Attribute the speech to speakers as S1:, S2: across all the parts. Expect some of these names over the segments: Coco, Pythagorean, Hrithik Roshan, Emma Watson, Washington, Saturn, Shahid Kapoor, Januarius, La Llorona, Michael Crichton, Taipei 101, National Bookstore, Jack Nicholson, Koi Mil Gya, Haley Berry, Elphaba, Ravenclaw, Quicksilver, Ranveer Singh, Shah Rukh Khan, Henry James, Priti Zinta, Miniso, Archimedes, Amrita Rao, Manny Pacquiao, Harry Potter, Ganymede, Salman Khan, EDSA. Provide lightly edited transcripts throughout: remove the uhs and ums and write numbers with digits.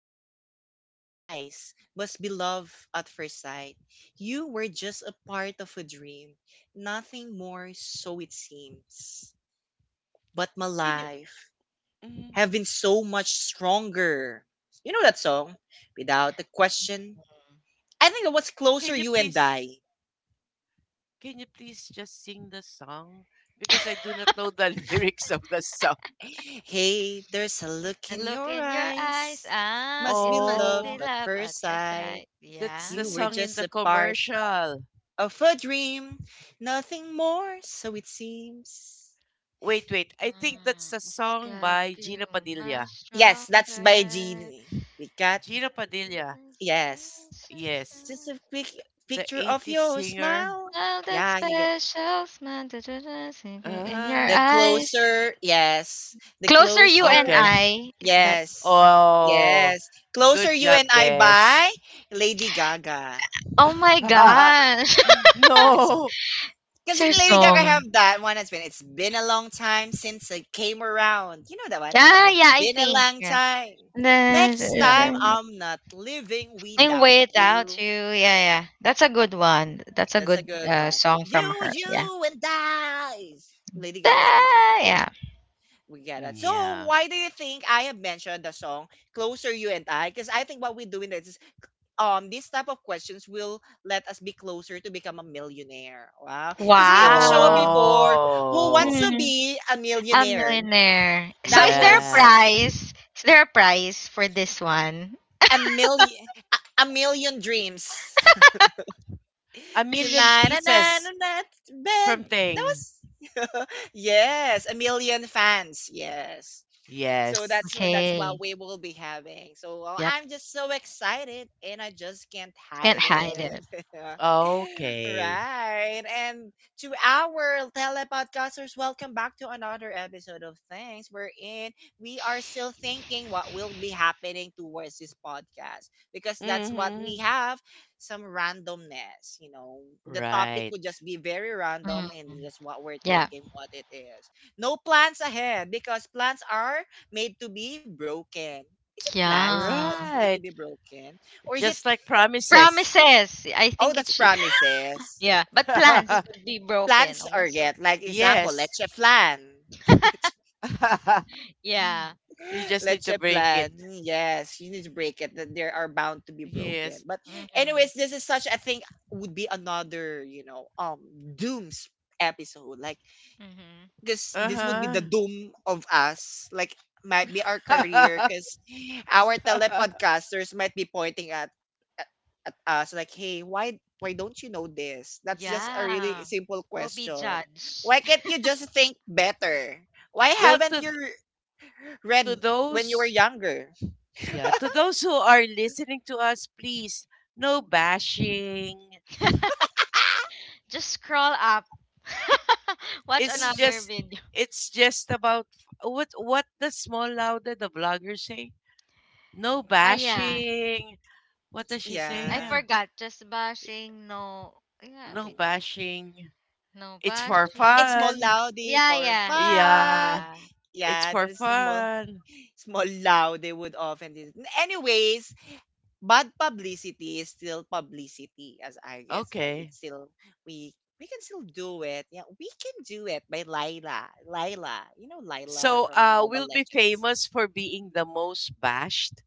S1: a look in your eyes. Must be love at first sight. You were just a part of a dream, nothing more, so it seems. But my
S2: Can you
S1: life
S2: mm,
S1: have been so much stronger. You know that song? Without a question.
S3: Mm.
S1: I think that was closer,
S2: can you
S1: you and
S2: please
S1: I.
S2: can you please just sing the song because I do not know the lyrics of the song.
S1: Hey, there's a look
S3: A
S1: in
S3: look
S1: your
S3: in your eyes,
S1: eyes. Must
S3: it
S1: be
S3: must
S1: love
S3: be
S2: Oh,
S1: at
S3: love at
S1: first
S3: first
S1: sight.
S3: sight.
S2: that's the
S1: You were
S2: song
S3: Yeah.
S2: in
S1: just
S2: the
S1: a part
S2: commercial.
S1: of a dream, nothing more, so it seems.
S2: Wait, wait. I think that's
S3: Mm,
S2: the
S3: it's
S2: song by
S3: got you
S2: Gino
S3: much
S2: Padilla.
S1: Yes, that's by
S3: stronger.
S1: Genie. We got
S2: Gino
S3: This
S2: Padilla.
S3: is
S1: yes.
S3: such a
S2: Yes.
S1: Just a
S3: special
S1: quick
S2: The
S1: picture of
S2: '80s
S1: your
S2: singer.
S1: smile.
S3: smile, that
S1: Yeah, you get
S3: special smile, da, da, da, sinking in your
S2: Ah,
S1: the
S3: eyes.
S1: closer. Yes, the
S3: Closer you
S1: closer.
S3: and
S2: okay.
S3: I. Is that?
S1: Yes,
S2: Oh,
S1: yes. Closer
S2: good
S1: you
S2: job,
S1: and I
S2: Des.
S1: by Lady Gaga.
S3: Oh my gosh.
S1: It's
S2: No.
S3: It's
S1: Because
S3: your
S1: Lady Gaga
S3: song.
S1: have that one has been it's been a long time since I came around. You know that one? It's
S3: Yeah, I
S1: been a
S3: think.
S1: long
S3: Yeah.
S1: time. Next
S2: Yeah.
S1: time
S3: The.
S1: I'm not living
S3: Sing
S1: without
S3: Way It too.
S1: you.
S3: Yeah, yeah.
S1: Girl,
S3: That's a good one. That's a
S1: that's a
S3: good
S1: good one.
S3: song from
S1: You,
S3: her. Yeah.
S1: you and I. Lady Gaga was one of the-
S3: Yeah.
S1: We get
S2: Mm,
S1: it. So
S2: yeah.
S1: why do you think I have mentioned the song Closer You and I? Because I think what we do in this is these type of questions will let us be closer to become a millionaire. Wow. Because we have a show
S3: Wow.
S1: before Who
S2: Oh,
S1: Wants to
S3: Mm,
S1: Be a
S3: a
S1: Millionaire.
S3: millionaire. So
S1: That
S3: is there a
S1: was
S2: yes.
S3: prize? Is there a prize for this one?
S1: a million a million dreams.
S2: A million
S1: Tonight and
S2: kisses
S1: that
S2: from
S1: bed. That
S2: Thing.
S1: was yes, a million fans. Yes. So that's
S2: Yes.
S1: that's what
S3: Okay.
S1: we will be having. So well,
S3: Yep.
S1: I'm just so excited and I just can't
S3: Can't
S1: hide
S3: hide it.
S1: it.
S2: Okay.
S1: Right. And to our telepodcasters, welcome back to another episode of Things We're in. We are still thinking what will be happening towards this podcast because that's what
S2: Mm-hmm.
S1: we have some randomness. You know, the topic
S2: Right.
S1: would just be very
S3: Mm,
S1: random and just what we're
S3: yeah.
S1: thinking, what it is. No plans ahead, because plans are made to be broken? Is it plans
S3: Yeah.
S1: that's made to
S2: Right.
S1: be broken? Or is it,
S2: Just like promises.
S3: Promises. I
S1: oh,
S3: think it
S1: that's
S3: should.
S1: promises?
S3: Yeah. But plans could be broken
S1: Plans are
S3: also.
S1: yet, like example,
S2: Yes.
S1: let's plan. let's
S3: Yeah.
S2: You just need
S1: let's
S2: to break
S1: plan.
S2: it.
S1: Yes, you need to break it. That there are bound to be broken.
S2: Yes.
S1: But
S3: Mm-hmm.
S1: anyways, this is such, I think, would be another, dooms episode. Like,
S3: Mm-hmm.
S1: because this would be
S2: Uh-huh.
S1: the doom of us, like might be our career, because our telepodcasters might be pointing at at us like, hey, why don't you know this? That's just a really
S3: Yeah.
S1: simple
S3: Will be
S1: question.
S3: judged.
S1: Why can't you just think better? Why
S2: Well,
S1: haven't
S2: to
S1: you
S2: to
S1: read when you were
S2: those,
S1: younger?
S2: yeah, to those who are listening to us, please, no bashing,
S3: Just scroll up. Watch
S2: it's
S3: another
S2: just,
S3: video.
S2: it's just about what the small lauda, the vlogger, say, no
S3: Yeah.
S2: bashing. What does she say?
S3: I
S1: Yeah,
S2: Yeah.
S3: forgot. Just bashing. No. Yeah,
S2: No
S3: wait.
S2: bashing,
S3: No
S2: it's for
S1: it's
S3: bashing.
S1: small
S2: fun.
S1: loudy
S3: Yeah,
S1: for
S3: yeah.
S1: fun.
S2: Yeah,
S3: Yeah.
S2: it's
S1: Yeah,
S2: for
S1: there's small
S2: fun.
S1: small loud they would often do. Anyways, bad publicity is still publicity, as I guess, like,
S2: Okay.
S1: it's still we we can still do it. Yeah, we can do it by Lila. Lila. You know Lila
S2: So
S1: from Mobile
S2: we'll be
S1: Legends.
S2: famous for being the most bashed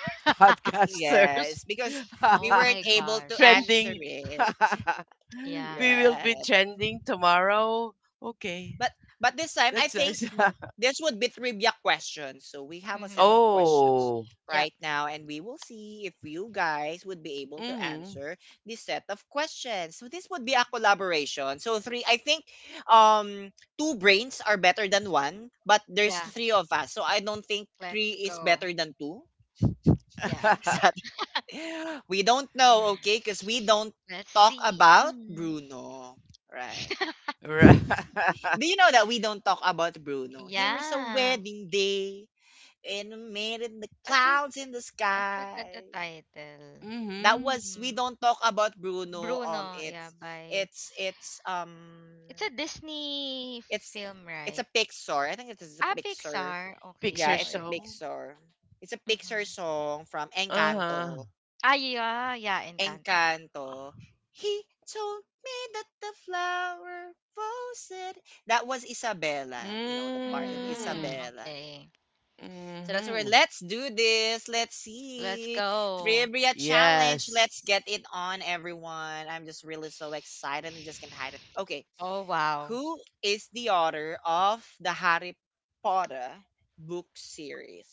S2: podcasters.
S1: Yes, because we
S3: Oh my
S1: weren't able to
S3: gosh.
S1: answer
S2: Trending.
S1: it.
S3: Yeah.
S2: We will be
S1: Yes.
S2: trending tomorrow. Okay.
S1: But but this time I
S2: That's
S1: think
S2: nice.
S1: this would be trivia questions. So we have a set
S3: Mhm.
S1: of questions
S2: Oh.
S3: Yep.
S1: right now and we will see if you guys would be able to
S2: Mhm.
S1: answer this set of questions. So this would be a collaboration. So three, I think, um two brains are better than one, but there's
S3: Yeah.
S1: three of us. So I don't think three
S3: Let's
S1: is
S3: go.
S1: better than two.
S3: Yeah.
S1: Is that we don't know, okay? Because we don't
S3: Let's
S1: talk
S3: see.
S1: about
S3: Mm.
S1: Bruno. Right.
S2: Right.
S1: Do you know that we don't talk about Bruno? Here is a
S3: Yeah.
S1: wedding day and made in the
S3: What's this?
S1: clouds in the
S3: I forgot the
S1: sky.
S3: title.
S1: That
S2: Mhm.
S1: was we
S3: Mm.
S1: don't talk about Bruno.
S3: Bruno. Yeah, by.
S1: It's it's um
S3: It's a Disney
S1: it's
S3: film,
S1: it's
S3: right?
S1: a Pixar. I think it is a Pixar.
S3: Pixar. Okay,
S1: Yeah,
S2: Picture
S1: it's a
S3: sorry.
S2: song.
S1: Pixar. It's a Pixar
S3: Mm-hmm.
S1: song from
S2: Uh-huh.
S1: Encanto.
S3: Yeah, yeah, Encanto, yeah.
S1: Encanto. He told me that the flower posted. That was Isabella, the part of
S2: Mm.
S3: Mm-hmm.
S1: Isabella.
S3: Okay,
S1: So that's where,
S2: Mhm.
S1: let's do this. Let's
S3: let's
S1: see.
S3: go.
S1: Trivia challenge. Let's get
S2: Yes.
S1: it on, everyone. I'm just really so excited and just can't hide it. Okay.
S3: Oh, wow.
S1: Who is the author of the Harry Potter book series?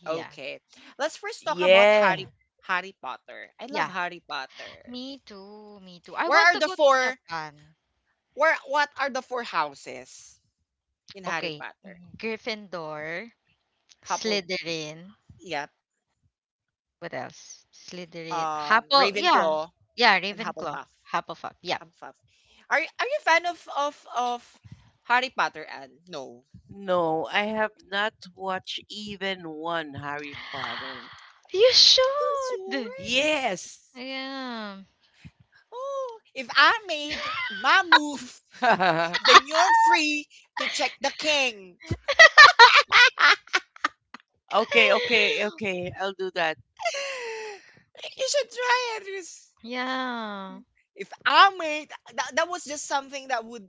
S3: Yeah.
S1: Okay. Let's first talk about
S2: Yeah.
S1: Harry Potter. I love
S3: Yeah.
S1: Harry Potter.
S3: Me too, me too. I
S1: Where
S3: want
S1: are
S3: to
S1: the
S3: go to
S1: four
S3: Japan.
S1: where What are the four houses in Harry
S3: Okay,
S1: Potter?
S3: Gryffindor,
S1: Huffle
S3: Slytherin.
S1: Yep.
S3: What else? Slytherin. Huffle, yeah.
S1: Ravenclaw
S3: Yeah,
S1: and
S3: Ravenclaw.
S1: Hufflepuff.
S3: Hufflepuff. Yeah.
S1: Hufflepuff. Are you a fan of Harry Potter, and no?
S2: No, I have not watched even one Harry Potter.
S3: You
S1: You sure?
S3: should.
S2: Yes.
S3: Yeah.
S1: Oh, if I made my move,
S2: Okay,
S1: then you're free to check the king.
S2: okay. I'll do that.
S1: You should try it.
S3: Yeah.
S1: If I made that, that was just something that would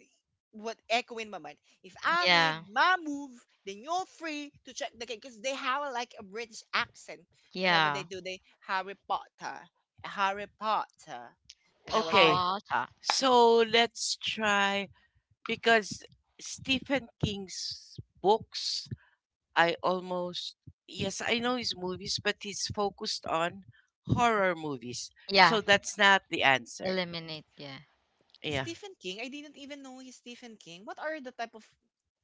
S1: would echo in my mind. If I
S3: Yeah.
S1: made my move, then you're free to check the cake because they have like a British accent whenever they
S3: Yeah.
S1: do the Harry Potter, Harry Potter, and I was like,
S2: Okay.
S3: Pata.
S2: So let's try, because Stephen King's books, I almost, yes, I know his movies, but he's focused on horror movies.
S3: Yeah.
S2: So that's not the answer.
S3: Eliminate. Yeah.
S2: Yeah.
S1: Stephen King. I didn't even know he's Stephen King. What are the type of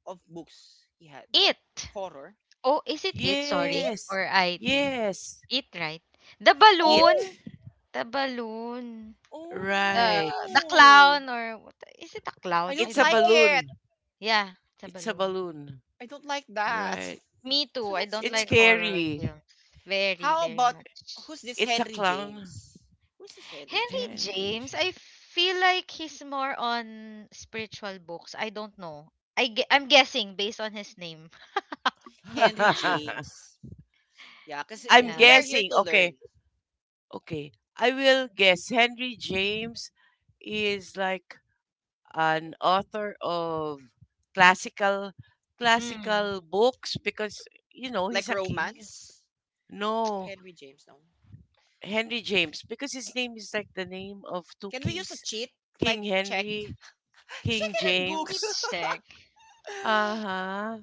S1: of books he had?
S3: It.
S1: Horror.
S3: Oh, is it it? Sorry.
S1: It.
S2: Yes.
S3: Or IT.
S2: Yes.
S3: It, right? The
S2: It.
S1: Oh.
S3: balloon. The balloon.
S1: Oh
S3: The
S2: Right.
S3: the
S1: no.
S3: clown, or what, is it a
S1: I
S3: clown? I
S1: don't
S2: It's a
S3: don't
S1: like
S3: know.
S1: it.
S2: balloon.
S3: Yeah, it's a
S2: It's a
S3: balloon.
S2: balloon.
S1: I don't like that.
S2: Right.
S3: Me too.
S1: So
S3: I
S1: that's
S3: don't
S2: It's
S3: like
S1: him.
S3: horror
S2: scary.
S3: films. Very,
S1: How
S3: very
S1: about,
S3: much.
S1: who's this
S2: It's a
S1: Henry
S2: clown.
S1: James? Who's this Henry
S3: Henry
S1: James?
S2: Henry
S3: James, I
S2: J.
S3: feel like he's more on spiritual books. I don't know. I'm guessing based on his name.
S1: Henry James. Yeah, because
S2: I'm
S3: Yeah.
S1: we are here
S2: guessing.
S1: to
S2: Okay.
S1: learn.
S2: Okay, I will guess Henry James is like an author of classical,
S3: Mm.
S2: classical books because you know he's
S1: Like
S2: a king.
S1: romance.
S2: No,
S1: Henry James, no.
S2: Henry James, because his name is like the name of two
S1: Can we use a
S2: kings,
S1: cheat?
S2: King
S1: Like check.
S2: Henry,
S1: Check
S2: King
S1: it on
S3: Heat
S1: Google.
S2: James.
S3: check.
S2: Uh huh.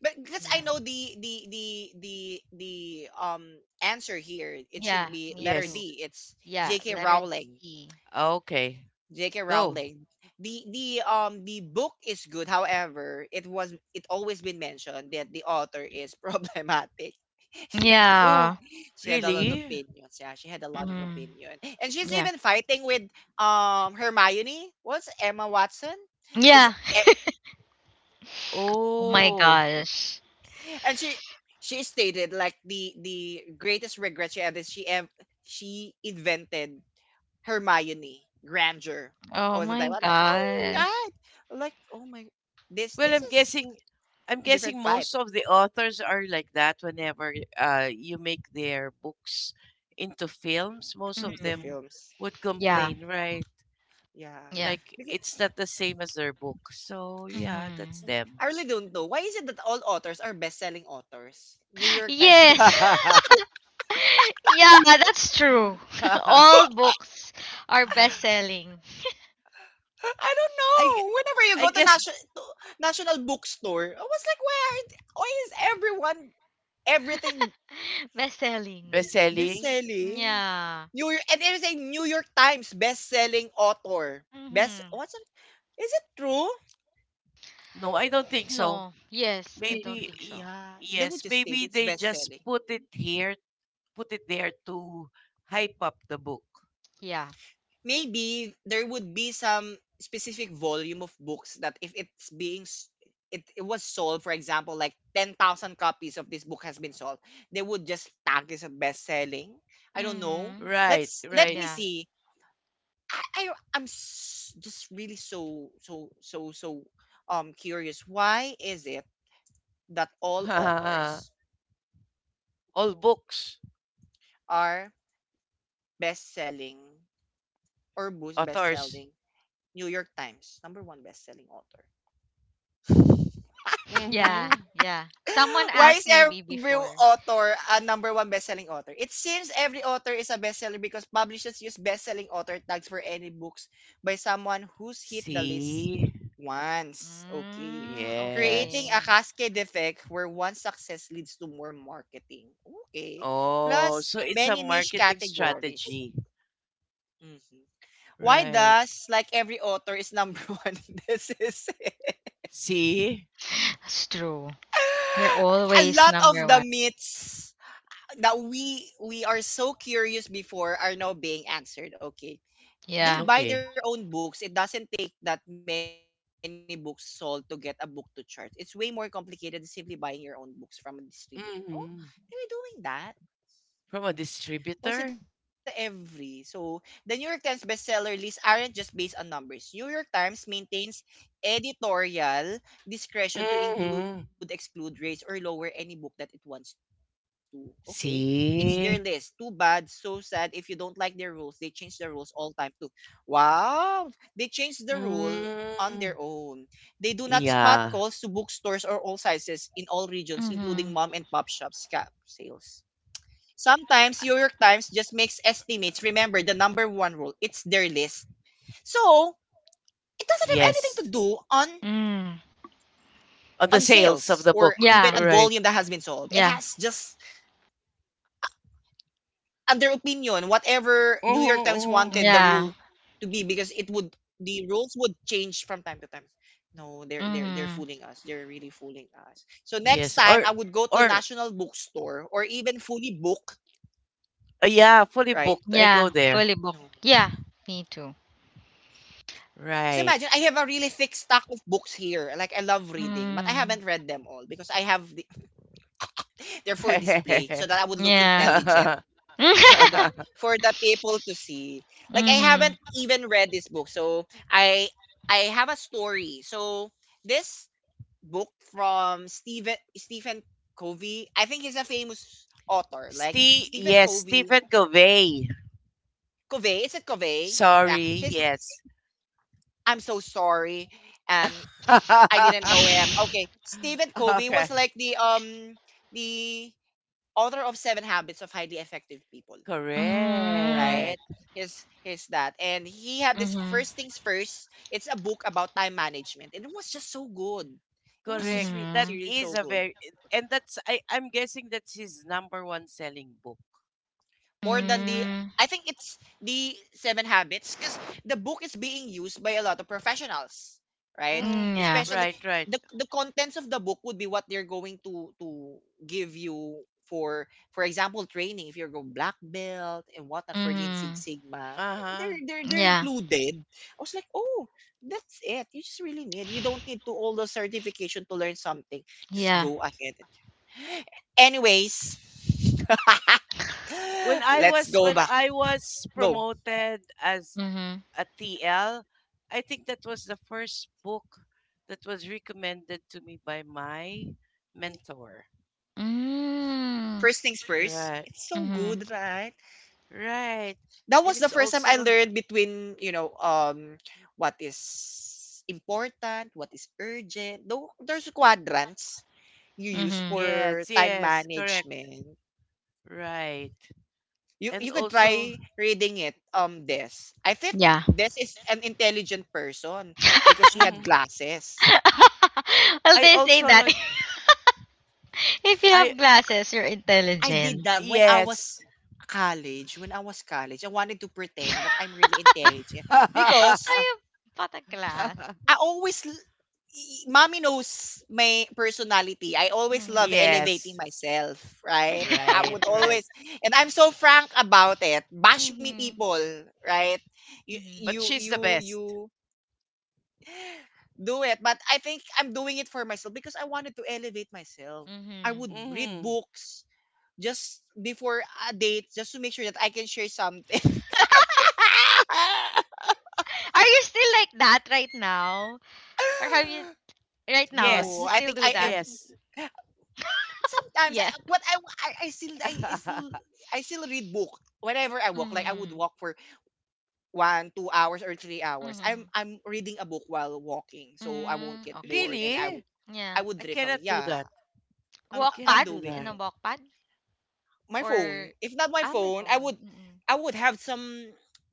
S1: But because I
S3: Yeah.
S1: know the answer here, it should
S3: Yeah,
S1: be
S3: me
S1: letter
S3: too.
S2: Yes.
S1: D. It's
S3: Yeah,
S1: J.K.
S3: letter
S1: Rowling.
S3: D.
S2: Okay.
S1: J.K.
S2: Go.
S1: Rowling. The book is good. However, it always been mentioned that the author is problematic. she,
S3: Yeah.
S2: Oh,
S1: she had a lot of
S2: really?
S1: opinions. Yeah, she had a lot of
S3: Mm.
S1: opinion, and she's
S3: Yeah.
S1: even fighting with Hermione. What's Emma Watson? Because,
S3: Yeah. Oh my
S2: Oh.
S3: gosh.
S1: and she stated like the greatest regret she had is she invented Hermione Granger
S3: Oh
S1: all the time.
S3: my
S1: I Oh
S3: gosh.
S1: right. Like, oh my, this
S2: Well,
S1: this
S2: I'm
S1: is
S2: guessing,
S1: different vibe
S2: most of the authors are like that whenever you make their books into films, most of
S1: into
S2: them
S3: Mm.
S1: films.
S2: would
S3: Yeah.
S2: complain, right?
S1: Yeah.
S3: Yeah.
S2: Like
S1: Because
S2: it's not the same as their book. So yeah, that's
S3: Mm.
S2: them.
S1: I really don't know. Why is it that all authors are best selling authors? New York Times.
S3: Yes. Yeah, that's true.
S2: I
S3: All books are best selling.
S1: I don't
S2: g-
S1: know. Whenever you
S2: I
S1: go to
S2: guess
S1: national bookstore, I was like, why aren't why is everyone everything
S3: Best
S2: best
S3: selling.
S1: best
S2: selling.
S1: selling?
S3: Yeah.
S1: New York and There's a New York Times best selling author. Best
S3: Mhm.
S1: What's it? Is it true?
S2: No, I don't think so.
S3: No. Yes, I don't
S2: Maybe
S3: think so.
S1: Yeah, they
S2: yes,
S1: would just state
S2: maybe
S1: it's
S2: they
S1: best
S2: just
S1: selling.
S2: put it here, put it there to hype up the book.
S3: Yeah.
S1: Maybe there would be some specific volume of books that if it's it was sold, for example, like 10,000 copies of this book has been sold, they would just tag this as best selling. I don't know.
S3: Mhm.
S2: Right,
S1: Let
S2: right.
S1: me
S3: Yeah.
S1: see. I, I I'm just really so curious. Why is it that all authors
S2: All books,
S1: are best selling or books best
S2: authors.
S1: selling, New York Times, number one best-selling author.
S3: Yeah.
S2: Mm-hmm.
S3: Yeah. Someone
S1: Why
S3: asked
S1: is
S3: maybe
S1: every
S3: before.
S1: author a number one best-selling author? It seems every author is a bestseller because publishers use best-selling author tags for any books by someone who's hit the list
S2: See?
S1: once. Okay.
S3: Mm,
S1: Creating
S2: Yes.
S1: a
S3: okay.
S1: cascade effect where one success leads to more marketing. Okay.
S2: Oh,
S1: Plus,
S2: so it's a
S1: many niche
S2: marketing
S1: categories.
S2: strategy.
S1: Mhm. Why
S2: Right.
S1: does, like every author, is number one in this?
S2: See?
S3: That's true. They're
S1: A
S3: always
S1: lot of
S3: number
S1: the
S3: one.
S1: myths that we are so curious before are now being answered. Okay.
S3: Yeah.
S1: They buy
S2: Okay.
S1: their own books. It doesn't take that many books sold to get a book to chart. It's way more complicated than simply buying your own books from a distributor. Oh,
S2: Mm-hmm.
S1: they were doing that.
S2: From a distributor?
S1: Why is it the every? So the New York Times bestseller lists aren't just based on numbers. New York Times maintains editorial discretion to include,
S2: Mm-hmm.
S1: exclude, raise, or lower any book that it wants to. Okay, it's their list. Too
S2: See?
S1: bad, so sad. If you don't like their rules, they change the rules all time too. Wow, they change the rule on their
S2: Mm.
S1: own. They do not spot
S2: Yeah.
S1: calls to bookstores or all sizes in all regions, including
S3: Mhm.
S1: mom and pop shops. Scam sales. Sometimes New York Times just makes estimates. Remember the number one rule. It's their list. So it doesn't have anything to
S2: Yes.
S1: do on
S3: Mm.
S2: On the
S1: on
S2: sales of the
S1: sales
S2: book.
S1: or
S3: Yeah.
S1: even on
S2: Right.
S1: volume that has been sold.
S3: Yeah.
S1: It has just on their opinion, whatever New York Times
S2: Mm-hmm.
S1: wanted the
S3: Yeah.
S1: rule to be because it would the rules would change from time to time. No, they're
S3: Mhm.
S1: fooling us. They're really fooling us. So next
S2: Yes.
S1: time
S2: Or,
S1: I would go to
S2: or,
S1: national bookstore or even fully book,
S2: yeah, fully
S1: right?
S2: booked. I go
S3: Yeah.
S2: there.
S3: Fully
S1: No.
S3: booked. Yeah. Me too.
S1: Because
S2: Right.
S1: imagine, I have a really thick stack of books here. Like, I love reading, but I
S3: Mm.
S1: haven't read them all because I have the, they're for display so that I would look
S3: Yeah.
S1: intelligent for the for the people to see. Like, I haven't
S3: Mhm.
S1: even read this book, so I have a story. So this book from Stephen Covey. I think he's a famous author. Like
S2: Steve.
S1: Stephen
S2: Yes,
S1: Covey.
S2: Stephen Covey.
S1: Covey, is it Covey? Yeah,
S2: Sorry,
S1: his.
S2: yes.
S1: I'm so sorry. Um, I didn't know him. Okay. Stephen Covey was
S2: Okay,
S1: like the author of Seven Habits of Highly Effective People,
S3: Mhm.
S1: right?
S2: correct.
S1: His his that. And he had this
S3: Mhm.
S1: First Things First. It's a book about time management. And it was just so good. It was just
S2: Correct. That
S3: Mhm.
S1: seriously
S2: is
S1: so
S2: a
S1: good.
S2: very, and that's, I'm guessing that's his number one selling book.
S1: More than the.
S3: Mm.
S1: I think it's the Seven Habits because the book is being used by a lot of professionals, right?
S2: Mm,
S3: Mm, yeah.
S1: Especially
S2: right, right.
S1: the contents of the book would be what they're going to give you for example training if you're going black belt and whatnot for Lean Six
S3: Mhm.
S1: Sigma
S2: Uh-huh.
S1: they're
S3: Yeah.
S1: included. I was like, oh, that's it, you just really need, you don't need to all the certification to learn something, just
S3: Yeah.
S1: go ahead anyways.
S2: When I
S1: Let's
S2: was,
S1: go back. Go.
S2: promoted as
S3: Mhm.
S2: ATL, I think that was the first book that was recommended to me by my mentor.
S3: Mm.
S1: First things first.
S2: Right,
S1: It's so
S3: Mhm.
S1: good, right?
S2: right.
S1: That
S2: And
S1: was the
S2: it's
S1: first time I
S2: also,
S1: learned between, what is important, what is urgent. Though there's quadrants you use
S3: Mhm.
S1: for
S2: yes,
S1: time
S2: yes, correct.
S1: management.
S2: Right.
S1: You
S2: And
S1: you could
S2: also,
S1: try reading it Des. I think
S3: Yeah.
S1: Des is an intelligent person because she had
S2: mhm.
S1: glasses.
S3: Well,
S2: I
S3: they say
S2: also
S3: that,
S2: like,
S3: if you
S2: I,
S3: have glasses, you're
S1: I did
S3: intelligent.
S1: that when I was
S2: yes.
S1: college. When I was college, I wanted to pretend that I'm really intelligent
S3: So
S1: because
S3: you bought a glass.
S1: I always, l- y- mommy knows my personality. I always love
S3: Mhm.
S1: elevating
S2: Yes,
S1: myself, right? I
S2: right,
S1: would
S2: right.
S1: always, and I'm so frank about it. Bash me,
S3: Mhm.
S1: people, right? You,
S3: Mhm.
S2: But
S1: you,
S2: she's the
S1: you,
S2: best.
S1: you do it. But I think I'm doing it for myself because I wanted to elevate myself. I
S3: Mhm.
S1: would read
S2: Hmm.
S1: books just before a date just to make sure that I can share something.
S3: Are you still like that right now? Or have you? Right now,
S1: No,
S3: you
S2: Yes,
S1: I
S3: still
S1: think
S3: do
S1: I
S3: that.
S1: am
S2: yes.
S1: sometimes.
S3: Yeah.
S1: I I still I, I still I still read book whenever I walk. Like I would
S3: Mm.
S1: walk for one, 2 hours or 3 hours. I'm
S3: Mhm.
S1: I'm reading a book while walking, so I won't
S3: Mm.
S1: get
S3: Okay.
S1: bored and I would
S2: Really?
S1: I
S3: Yeah.
S1: would
S2: I
S1: drift away.
S2: cannot do
S1: Yeah,
S2: that.
S1: I'm
S2: I
S1: I'm
S2: cannot
S3: Walkpad,
S2: do
S3: in
S2: that.
S3: a
S1: doing
S3: walkpad,
S1: my
S3: or
S1: phone. If not my
S3: ah, my
S1: phone, I
S3: phone.
S1: would
S3: Mm-mm.
S1: I would have some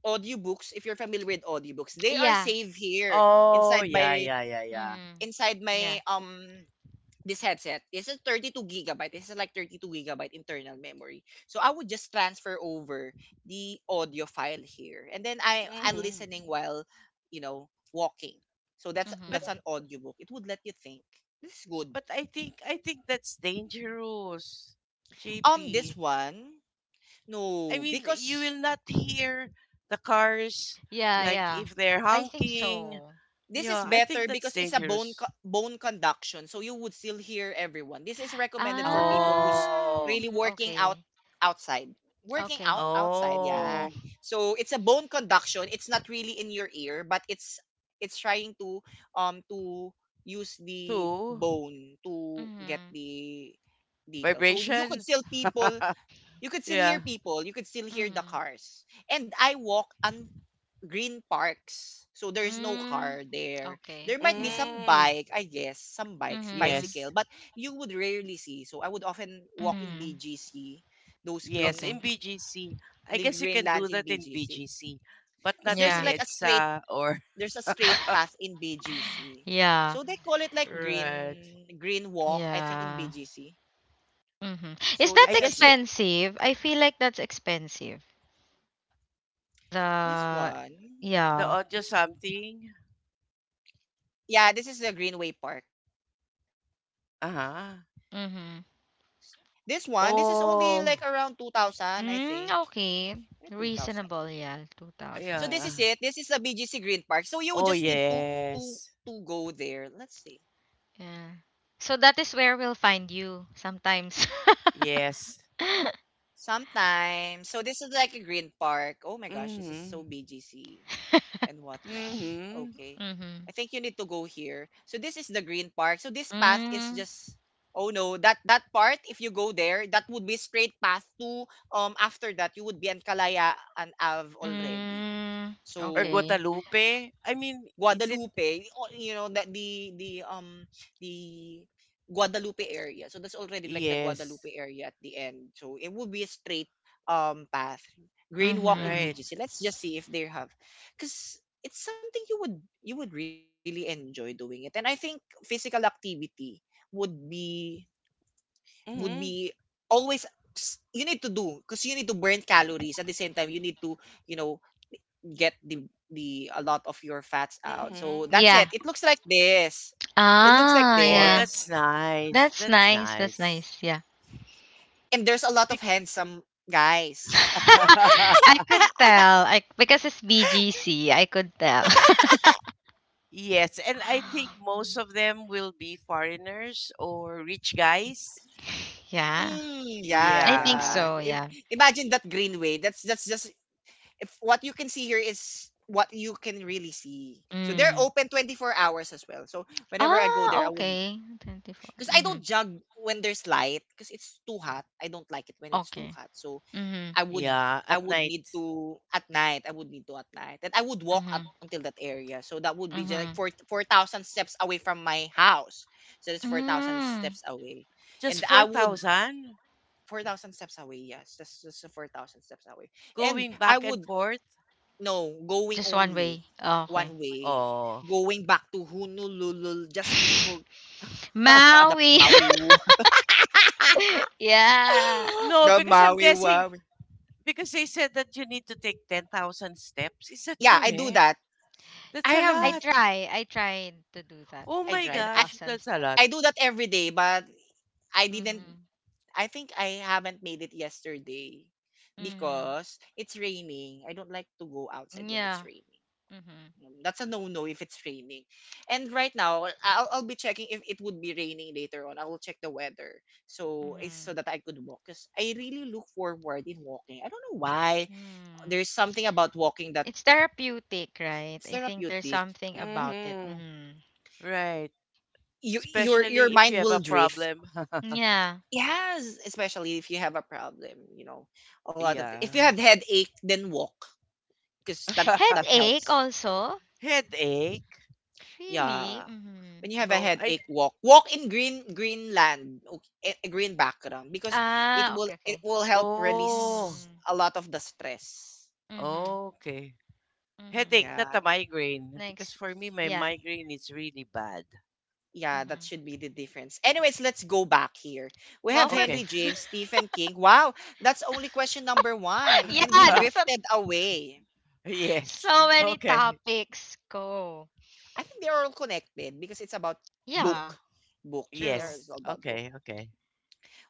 S1: audiobooks if you're familiar with audiobooks. They are
S3: Yeah.
S1: saved here
S2: Oh,
S1: inside my
S2: yeah.
S3: Mm.
S1: inside my
S3: Yeah.
S1: um this headset. This is 32 gigabyte. This is like 32 gigabyte internal memory. So I would just transfer over the audio file here. And then I'm
S2: Hmm.
S1: listening while, walking. So that's
S2: But,
S1: that's
S3: Mhm.
S1: an audiobook. It would let you think. This is good.
S2: I think, that's dangerous,
S1: This
S2: JP.
S1: one,
S2: I
S1: no
S2: mean, you will
S1: because
S2: not hear the cars
S3: Yeah,
S2: like
S3: yeah.
S2: if they're
S3: I think
S2: honking.
S3: so.
S1: this is
S2: Yeah, I think
S1: better
S2: that's
S1: because it's a bone
S2: dangerous.
S1: bone conduction, so you would still hear everyone. This is recommended for people who's
S2: Oh,
S1: really
S3: Ah.
S1: working out
S3: Okay.
S1: outside. Working out
S3: Okay.
S1: outside, yeah.
S3: Mhm.
S2: oh,
S1: So it's a bone conduction. It's not really in your ear, but it's trying to use the
S2: two
S1: bone to get
S3: Mhm.
S1: the detail. So you could
S2: vibration.
S1: you could still
S2: Yeah.
S1: hear people, you could still hear the
S3: Mhm.
S1: cars. And I walk un green parks. So there's no
S3: Mm.
S1: car there.
S3: Okay.
S1: There might be
S3: Yeah.
S1: some
S2: Mm,
S1: bike, I guess, some bikes,
S3: Mhm.
S1: bicycle,
S2: yes.
S1: but you would rarely see. So I would often walk in
S3: Mm.
S1: BGC, those green
S2: Yes,
S3: Okay.
S2: in BGC. I
S1: the
S2: guess you
S1: green
S2: can do
S1: lands in
S2: that in
S1: BGC.
S2: BGC, but
S1: Because
S2: not in
S3: Yeah.
S2: EDSA or
S1: there's a straight path in BGC.
S3: Yeah.
S1: So they call it like
S2: right.
S1: green green walk, I think,
S3: Yeah.
S1: in BGC.
S3: Mm-hmm. Is that
S2: I
S1: So
S2: guess you,
S1: it's a green
S3: expensive? I feel like that's expensive. The
S1: this
S2: the
S3: yeah.
S1: one.
S2: audio something.
S1: Yeah, this is the Greenway Park.
S2: Uh-huh.
S1: This
S3: Mm-hmm.
S1: one, this is only like around 2000,
S2: Oh,
S1: I think.
S3: Mm,
S1: 2000.
S3: okay. Reasonable,
S1: So
S3: yeah.
S1: this is
S3: Two
S1: it. This is the
S3: thousand.
S2: yeah.
S1: BGC Green Park. So you just need to
S2: Oh,
S1: to to
S2: yes.
S1: go there. Let's see.
S3: Yeah. So that is where we'll find you sometimes.
S2: Yes.
S1: Sometime. So this is like a green park. Oh my gosh, this is so
S2: Mhm.
S1: BGC and whatnot.
S2: Mhm.
S1: Okay.
S3: Mm-hmm.
S1: I think you need to go here. So this is the green park. So this path is
S3: Mm,
S1: just, oh no, that part, if you go there, that would be straight path to after that you would be in Kalayaan Ave already.
S3: mm,
S2: Or
S3: okay.
S1: So
S2: Guadalupe. I mean, is it?
S1: Guadalupe, you know that the Guadalupe area. So that's already like the
S2: Yes.
S1: Guadalupe area at the end. So it would be a straight path. Green Walk in
S3: Mm-hmm.
S2: Right.
S1: BGC. Let's just see if they have cuz it's something you would really enjoy doing it. And I think physical activity would be would
S2: Mhm.
S1: be always s- you need to do because you need to burn calories at the same time you need to you know get the a lot of your fats out. So
S2: Mhm.
S1: that's it.
S3: Yeah.
S1: It looks like this. It looks like
S2: Oh,
S3: Yeah.
S2: that's
S1: this.
S2: nice.
S3: That's
S2: That's
S3: nice. That's
S2: nice.
S3: nice. Yeah.
S1: And there's a lot of
S2: Bec-
S1: handsome guys.
S3: I could tell. I because it's BGC, I could tell.
S2: Yes, and I think most of them will be foreigners or rich guys.
S3: Yeah,
S1: Mm, yeah,
S3: I think
S2: Yeah,
S1: yeah.
S3: so, yeah.
S1: Imagine that greenway. That's just if what you can see here is what you can really see. So they're
S3: Mm.
S1: open 24 hours as well. So whenever I go there,
S3: Ah,
S1: I would,
S3: okay. 24.
S1: because I
S3: Mm-hmm.
S1: don't jog when there's light because it's too hot. I don't like it when it's too
S3: Okay.
S1: hot. So
S3: Mm-hmm.
S1: I would
S2: yeah,
S1: I
S2: at
S1: would
S2: night.
S1: need to at night. I would need to at night. And I would walk up
S3: Mm-hmm.
S1: until that area. So that would be just
S3: Mm-hmm.
S1: like four thousand steps away from my house. So it's 4,000
S3: Mm.
S1: steps away.
S2: Just
S1: And I would.
S2: 4,000
S1: 4,000 steps away, yes. That's just 4,000 steps away. And
S2: going
S1: I
S2: back and
S1: would,
S2: forth.
S1: no, going
S3: Just one
S1: only
S3: way. Oh, okay.
S1: one way.
S2: Oh,
S1: Going back to Honolulu just to for the
S3: Maui.
S1: Maui Woo.
S3: Yeah.
S2: no,
S1: The
S2: because I'm
S1: Maui
S2: guessing,
S1: Wowie.
S2: because they said that you need to take 10,000 steps. Is that
S1: Yeah, I do
S2: correct?
S1: that.
S2: That's
S1: I
S2: a
S1: have
S3: I
S2: lot.
S3: try. I tried to do that.
S2: Oh
S1: I
S2: my
S1: tried.
S2: gosh,
S3: 10,000
S2: that's a lot.
S3: steps.
S1: I do that every day, but I didn't.
S3: Mm-hmm.
S1: I think I haven't made it yesterday
S3: Mm-hmm.
S1: because it's raining. I don't like to go outside when it's
S3: Yeah.
S1: raining.
S3: Mm-hmm.
S1: That's a no-no if it's raining. And right now, I'll be checking if it would be raining later on. I will check the weather
S3: Mm-hmm.
S1: so that I could walk because I really look forward in walking. I don't know why.
S3: Mm.
S1: There's something about walking that
S3: It's therapeutic, right? I think there's
S1: therapeutic.
S3: something about it.
S2: Mm-hmm.
S3: Mm.
S2: Right.
S1: Your
S2: Especially if you
S1: mind
S2: have
S1: will
S2: a
S1: drift.
S2: problem.
S3: Yeah.
S1: Yes, especially if you have a problem, you know, a lot of
S2: Yeah.
S1: if you have headache, then walk because that
S3: Headache
S1: helps.
S3: also?
S2: Headache.
S3: Really?
S1: Yeah,
S3: Mm-hmm.
S1: when you have a
S2: No, I,
S1: headache, walk. Walk in green green land, okay, a green background because it
S3: Ah,
S1: will
S3: okay, okay.
S1: it will help
S2: oh,
S1: release
S3: Mm-hmm.
S1: a lot of the stress.
S3: Mm-hmm.
S2: okay. Headache,
S3: Mm-hmm.
S2: not
S1: Yeah.
S2: a migraine, because
S3: Next.
S2: for me, my
S3: Yeah.
S2: migraine is really bad.
S1: Yeah, that
S3: Mm-hmm.
S1: should be the difference. Anyways, let's go back here. We
S3: Well,
S1: have
S3: for
S1: Henry
S2: Okay.
S3: f-
S1: James, Stephen King. Wow, that's only question number one.
S3: yeah,
S1: And we
S3: that's what.
S1: drifted away.
S2: Yes.
S3: So many
S2: Okay.
S3: topics go.
S1: I think they're all connected because it's about
S3: Yeah,
S1: book. Book. If There
S3: true.
S2: Yes.
S1: is all about book.
S2: Okay. Okay.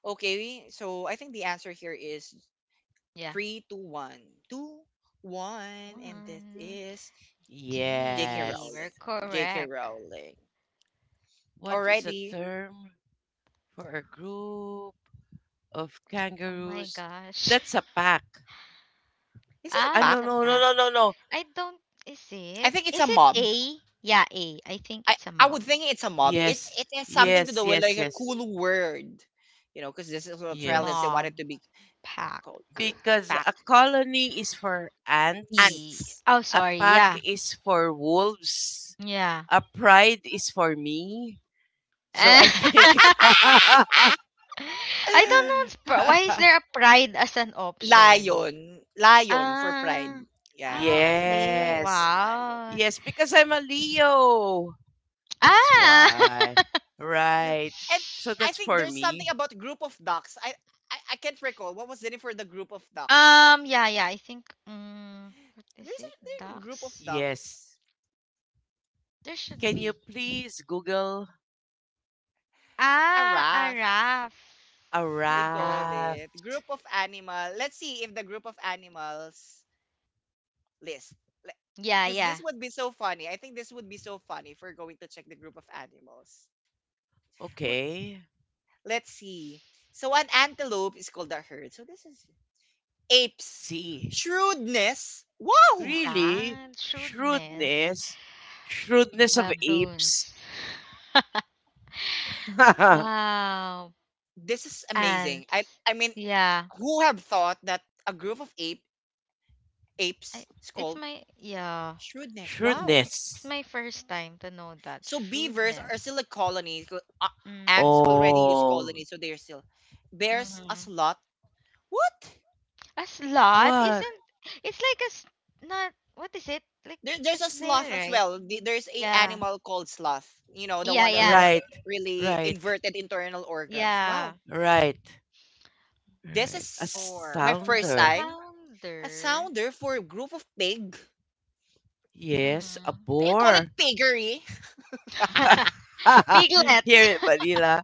S1: Okay, so I think the answer here is
S3: Yeah.
S1: three, two, one. Two, one, and that
S3: One
S1: is J.K.
S3: D. We're
S1: Rowling.
S2: Yes.
S1: J.K.
S3: correct.
S1: Rowling.
S2: What is a
S1: Alrighty.
S2: term for a group of
S3: Oh my
S2: kangaroos?
S3: gosh.
S2: That's a pack.
S1: Is it a
S3: Ah,
S2: Ah,
S3: that's
S1: pack?
S3: a pass.
S2: no.
S3: I don't. Is
S1: I
S3: it?
S1: think it's a
S3: Is it
S1: mob.
S3: A? Yeah, A. I think
S1: I,
S3: it's a
S1: I
S3: mob.
S1: would think it's a mob. It
S2: Yes,
S1: it has something to
S2: yes,
S1: do with like a cool word. You know, because this is what Australians they
S2: Yes.
S3: Mob,
S1: wanted to be
S3: pack.
S1: called cool. A
S2: Because
S1: pack.
S2: a colony is for ants.
S3: B.
S1: Ants.
S3: Oh,
S2: A
S3: sorry.
S2: pack
S3: Yeah.
S2: is for wolves.
S3: Yeah.
S2: A pride is for me. So I think,
S3: I don't know. Why is there a pride as an option?
S1: Lion. Lion for pride.
S3: Ah. Ah,
S1: Yeah. So that's
S3: okay.
S1: pride for
S2: yes.
S1: lion.
S3: Wow.
S2: Yes, because I'm a Leo. That's
S3: Ah.
S2: why.
S1: No.
S2: Right.
S1: And
S2: So
S1: I
S2: that's
S1: think
S2: for
S1: there's something
S2: me.
S1: about group of ducks. I can't recall. What was the name for the group of ducks?
S3: Yeah. Yeah. I think. What is
S1: There's a,
S3: it?
S1: there's a group of
S3: Ducks.
S2: Yes.
S1: ducks.
S3: There should
S2: Can you
S3: be.
S2: please Google
S1: A
S3: Ah, a
S1: raft,
S3: raft.
S2: a
S3: A
S1: they call
S3: raft.
S2: raft?
S1: it. Group of animal. Let's see if the group of animals list.
S3: Yeah,
S1: Because this
S3: yeah.
S1: would be so funny. I think this would be so funny if we're going to check the group of animals. Wh-
S2: Okay.
S1: Let's see. So an antelope is called a herd. So this is apes
S2: See.
S1: shrewdness. Wow,
S2: Really?
S3: That shrewdness.
S2: Shrewdness. Shrewdness of apes.
S3: Baboons. Wow.
S1: this is
S3: And
S1: amazing. I mean,
S3: yeah,
S1: who have thought that a group of ape
S3: I
S1: apes is
S3: it's
S1: called
S3: my
S1: shrewdness? Wow.
S3: it's
S2: Shrewdness.
S3: my first time to know that
S1: So beavers are still a
S3: shrewdness.
S1: colony. Ants
S3: Mm.
S1: already use
S2: Oh,
S1: colony, so they're still. There's a
S3: Mm-hmm.
S1: sloth. What?
S3: A slot
S2: what?
S3: isn't, it's like a not, what is it? Like
S1: There,
S3: a
S1: there's a
S3: snail,
S1: sloth as
S3: right?
S1: well. There's a
S3: Yeah.
S1: animal called sloth. You know, the
S3: Yeah,
S1: one that
S3: yeah.
S1: has
S2: Right,
S1: really
S2: right,
S1: inverted internal organs. Wow.
S3: Yeah.
S2: right,
S1: This
S2: right. A
S1: is my
S3: Or
S1: first
S2: sounder.
S1: time. A
S3: founder.
S1: sounder for a group of pig?
S2: Yes, a
S3: Mhm.
S1: They call it
S2: bore.
S1: piggery.
S2: Here
S3: Piglets.
S2: in Manila.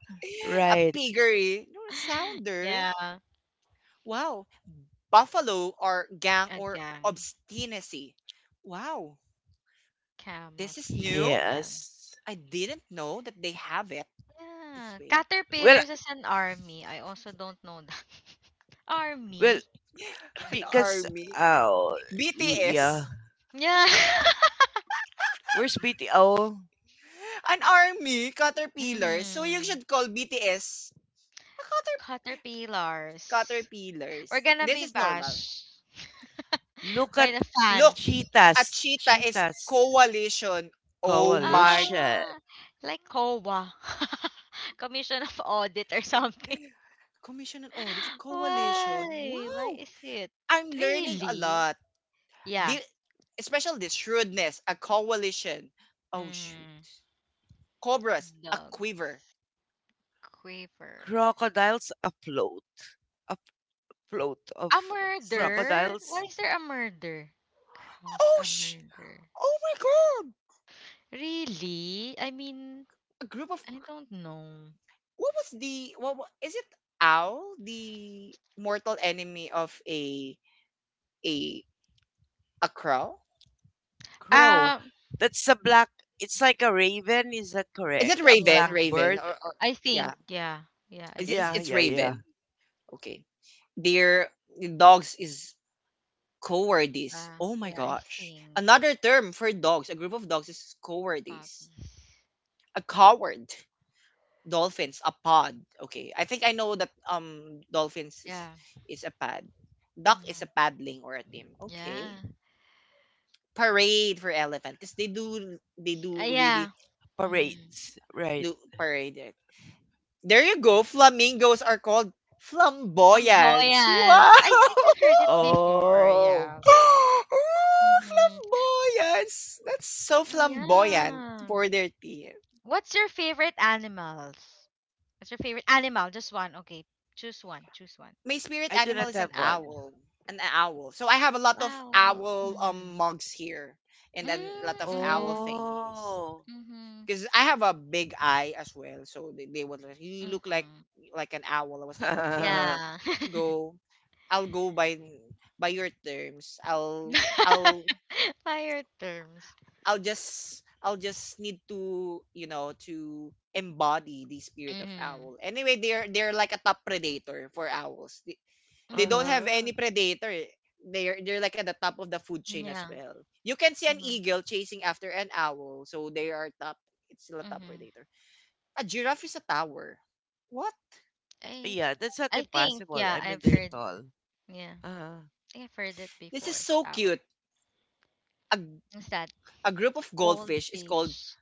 S1: A
S2: Right.
S1: piggery. No, a sounder.
S3: Yeah,
S1: Wow. Buffalo or gang
S3: a
S1: or
S3: gang.
S1: obstinacy. Wow. This
S3: Camels, a
S1: is new.
S3: caravan.
S2: Yes.
S1: I didn't know that they have it this
S3: Yeah,
S1: way.
S2: Well,
S3: caterpillars is an army. I also don't know that.
S2: well,
S3: Army.
S1: An
S2: because
S1: army.
S2: oh, yeah.
S1: BTS.
S3: Yeah.
S2: Where's BTO?
S1: An army caterpillars. So you
S3: Mhm.
S1: should call BTS cater-
S3: Caterpillars. We're
S1: caterpillars.
S3: gonna
S1: This
S3: be
S1: is normal.
S3: bashed
S2: Look
S3: by
S2: at
S3: the
S1: Look,
S3: fans.
S1: a
S2: cheetahs.
S1: cheetah is
S2: Cheetahs
S1: coalition. Oh my.
S2: coalition.
S3: Ah, like COA. Commission of Audit or something.
S1: Commission and Audit Coalition.
S3: Why? Why
S1: Wow!
S3: is it?
S1: I'm learning a
S3: Really?
S1: lot.
S3: Yeah.
S1: The, especially this shrewdness, a coalition. Oh, shoot.
S3: Mm.
S1: Cobras, a quiver,
S3: Dogs. Quiver.
S2: Crocodiles afloat. Float
S3: A
S2: of
S1: Sage.
S3: murder? Why
S2: crocodiles,
S3: is there a murder? Crows,
S1: Oh,
S3: a murder.
S1: oh my god!
S3: Really? I mean,
S1: A group of.
S3: I don't know.
S1: What was the. Is it Owl, the mortal enemy of a. a crow?
S2: crow.
S3: Um,
S2: That's a black. It's like a raven. Is that
S1: Is it
S2: correct? A
S1: Raven?
S3: yeah,
S2: black
S1: Raven.
S2: bird.
S1: Or
S3: I
S1: yeah.
S3: yeah, yeah, I
S1: It's, it's
S2: Yeah,
S3: think.
S1: it's
S2: yeah.
S1: Raven. Okay. Their dogs is Cowardice. Oh my
S3: Yeah, I
S1: gosh.
S3: think
S1: Another term for dogs, a group of dogs is cowardice.
S3: puppies.
S1: A coward. Dolphins, a pod. Okay. I think I know that dolphins is
S3: Yeah,
S1: is a pad. Duck is
S3: mm-hmm.
S1: a paddling or a team. Okay.
S3: Yeah,
S1: Parade for elephant. Because they do they do
S3: yeah,
S1: really
S3: mm-hmm.
S2: Parades. Right.
S1: do parade it. There you go. Flamingos are called flamboyants.
S3: Flamboyance.
S1: Wow!
S3: I think I heard it before,
S2: Oh,
S3: yeah.
S1: Oh,
S3: Mm-hmm.
S1: flamboyance. That's so
S3: Oh,
S1: flamboyant
S3: yeah.
S1: for their team.
S3: What's your favorite animals? What's your favorite animal? Just one. Okay. Choose one. Choose one.
S1: My spirit
S2: I do
S1: animal
S2: not
S1: is an
S2: have one.
S1: owl. An owl. So I have a lot of
S3: Wow.
S1: owl
S3: Mm-hmm.
S1: mugs here and then a lot of owl
S3: Mm-hmm.
S1: thingies.
S2: Oh.
S3: Mm-hmm.
S1: Because I have a big eye as well. So they would like, you look like
S3: Mm-hmm.
S1: like an owl. I was like, okay,
S2: Uh-huh.
S3: Yeah.
S1: go. I'll go by your terms. I'll
S3: Higher terms.
S1: I'll just need to you know to embody the spirit of
S3: Mm-hmm.
S1: owl. Anyway, they're like a top predator for owls. They don't
S3: Mm-hmm.
S1: have any predator. They're like at the top of the food chain as
S3: Yeah.
S1: well. You can see an
S3: Mm-hmm.
S1: eagle chasing after an owl, so they are top. It's still a top
S3: Mm-hmm.
S1: predator. A giraffe is a tower. What?
S3: I
S2: Yeah, that's not
S3: I think,
S2: impossible.
S3: yeah,
S2: I
S3: I've
S2: mean, they're
S3: heard
S2: tall.
S3: yeah. I
S2: Uh-huh.
S3: think I've heard it
S1: This is
S3: before.
S1: so
S3: Our.
S1: cute. A
S3: What's that?
S1: a group of goldfish is called
S3: Goldfish.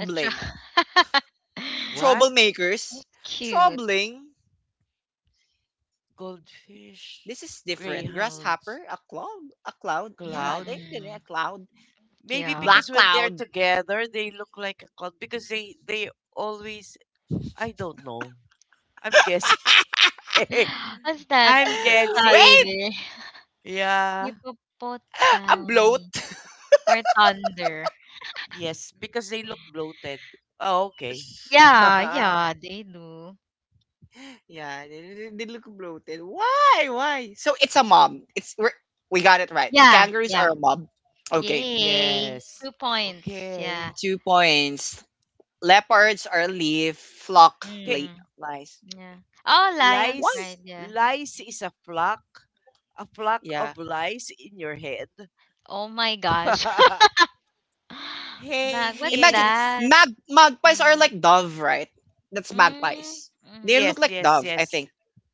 S3: Let's try. That's
S2: What?
S1: Troublemakers.
S3: cute.
S1: Troubling.
S2: Goldfish,
S1: This is different.
S2: greyhounds,
S1: Grasshopper, a cloud, a cloud. Yeah,
S2: cloud.
S1: there you go. A
S3: Mm.
S1: cloud,
S2: Maybe
S3: Yeah.
S1: black
S2: because when they're
S1: cloud.
S2: together, they look like a cult because they always, I don't know. I'm guessing.
S3: What's that?
S2: I'm
S1: Wait,
S2: guessing.
S3: Thunder.
S2: Yeah.
S1: a bloat.
S3: Hippopotami. Or thunder.
S2: Yes, because they look bloated. Oh, okay.
S3: Yeah, yeah, they do.
S1: yeah, they look bloated. Why? Why? So it's a mob. We got it right.
S3: Yeah,
S1: Kangaroos
S3: yeah.
S1: are a mob. Okay,
S3: Yay.
S2: Yes.
S3: 2 points.
S2: Okay.
S3: Yeah.
S1: 2 points. Leopards are leaf flock
S2: Okay.
S3: Mm,
S1: lice.
S3: yeah. Oh, lion
S1: Why?
S2: Lice.
S3: pride. Yeah.
S2: Lice is a flock. A flock
S1: Yeah.
S2: of lice in your head.
S3: Oh my gosh.
S2: Hey,
S3: Mag, what's
S1: Imagine it.
S2: miss.
S3: that?
S1: Magpies are
S3: Mag.
S1: like dove, right? That's
S3: Mm,
S1: magpies. They
S3: mm-hmm,
S1: look
S2: Yes,
S1: like dove, I
S2: yes.
S1: think.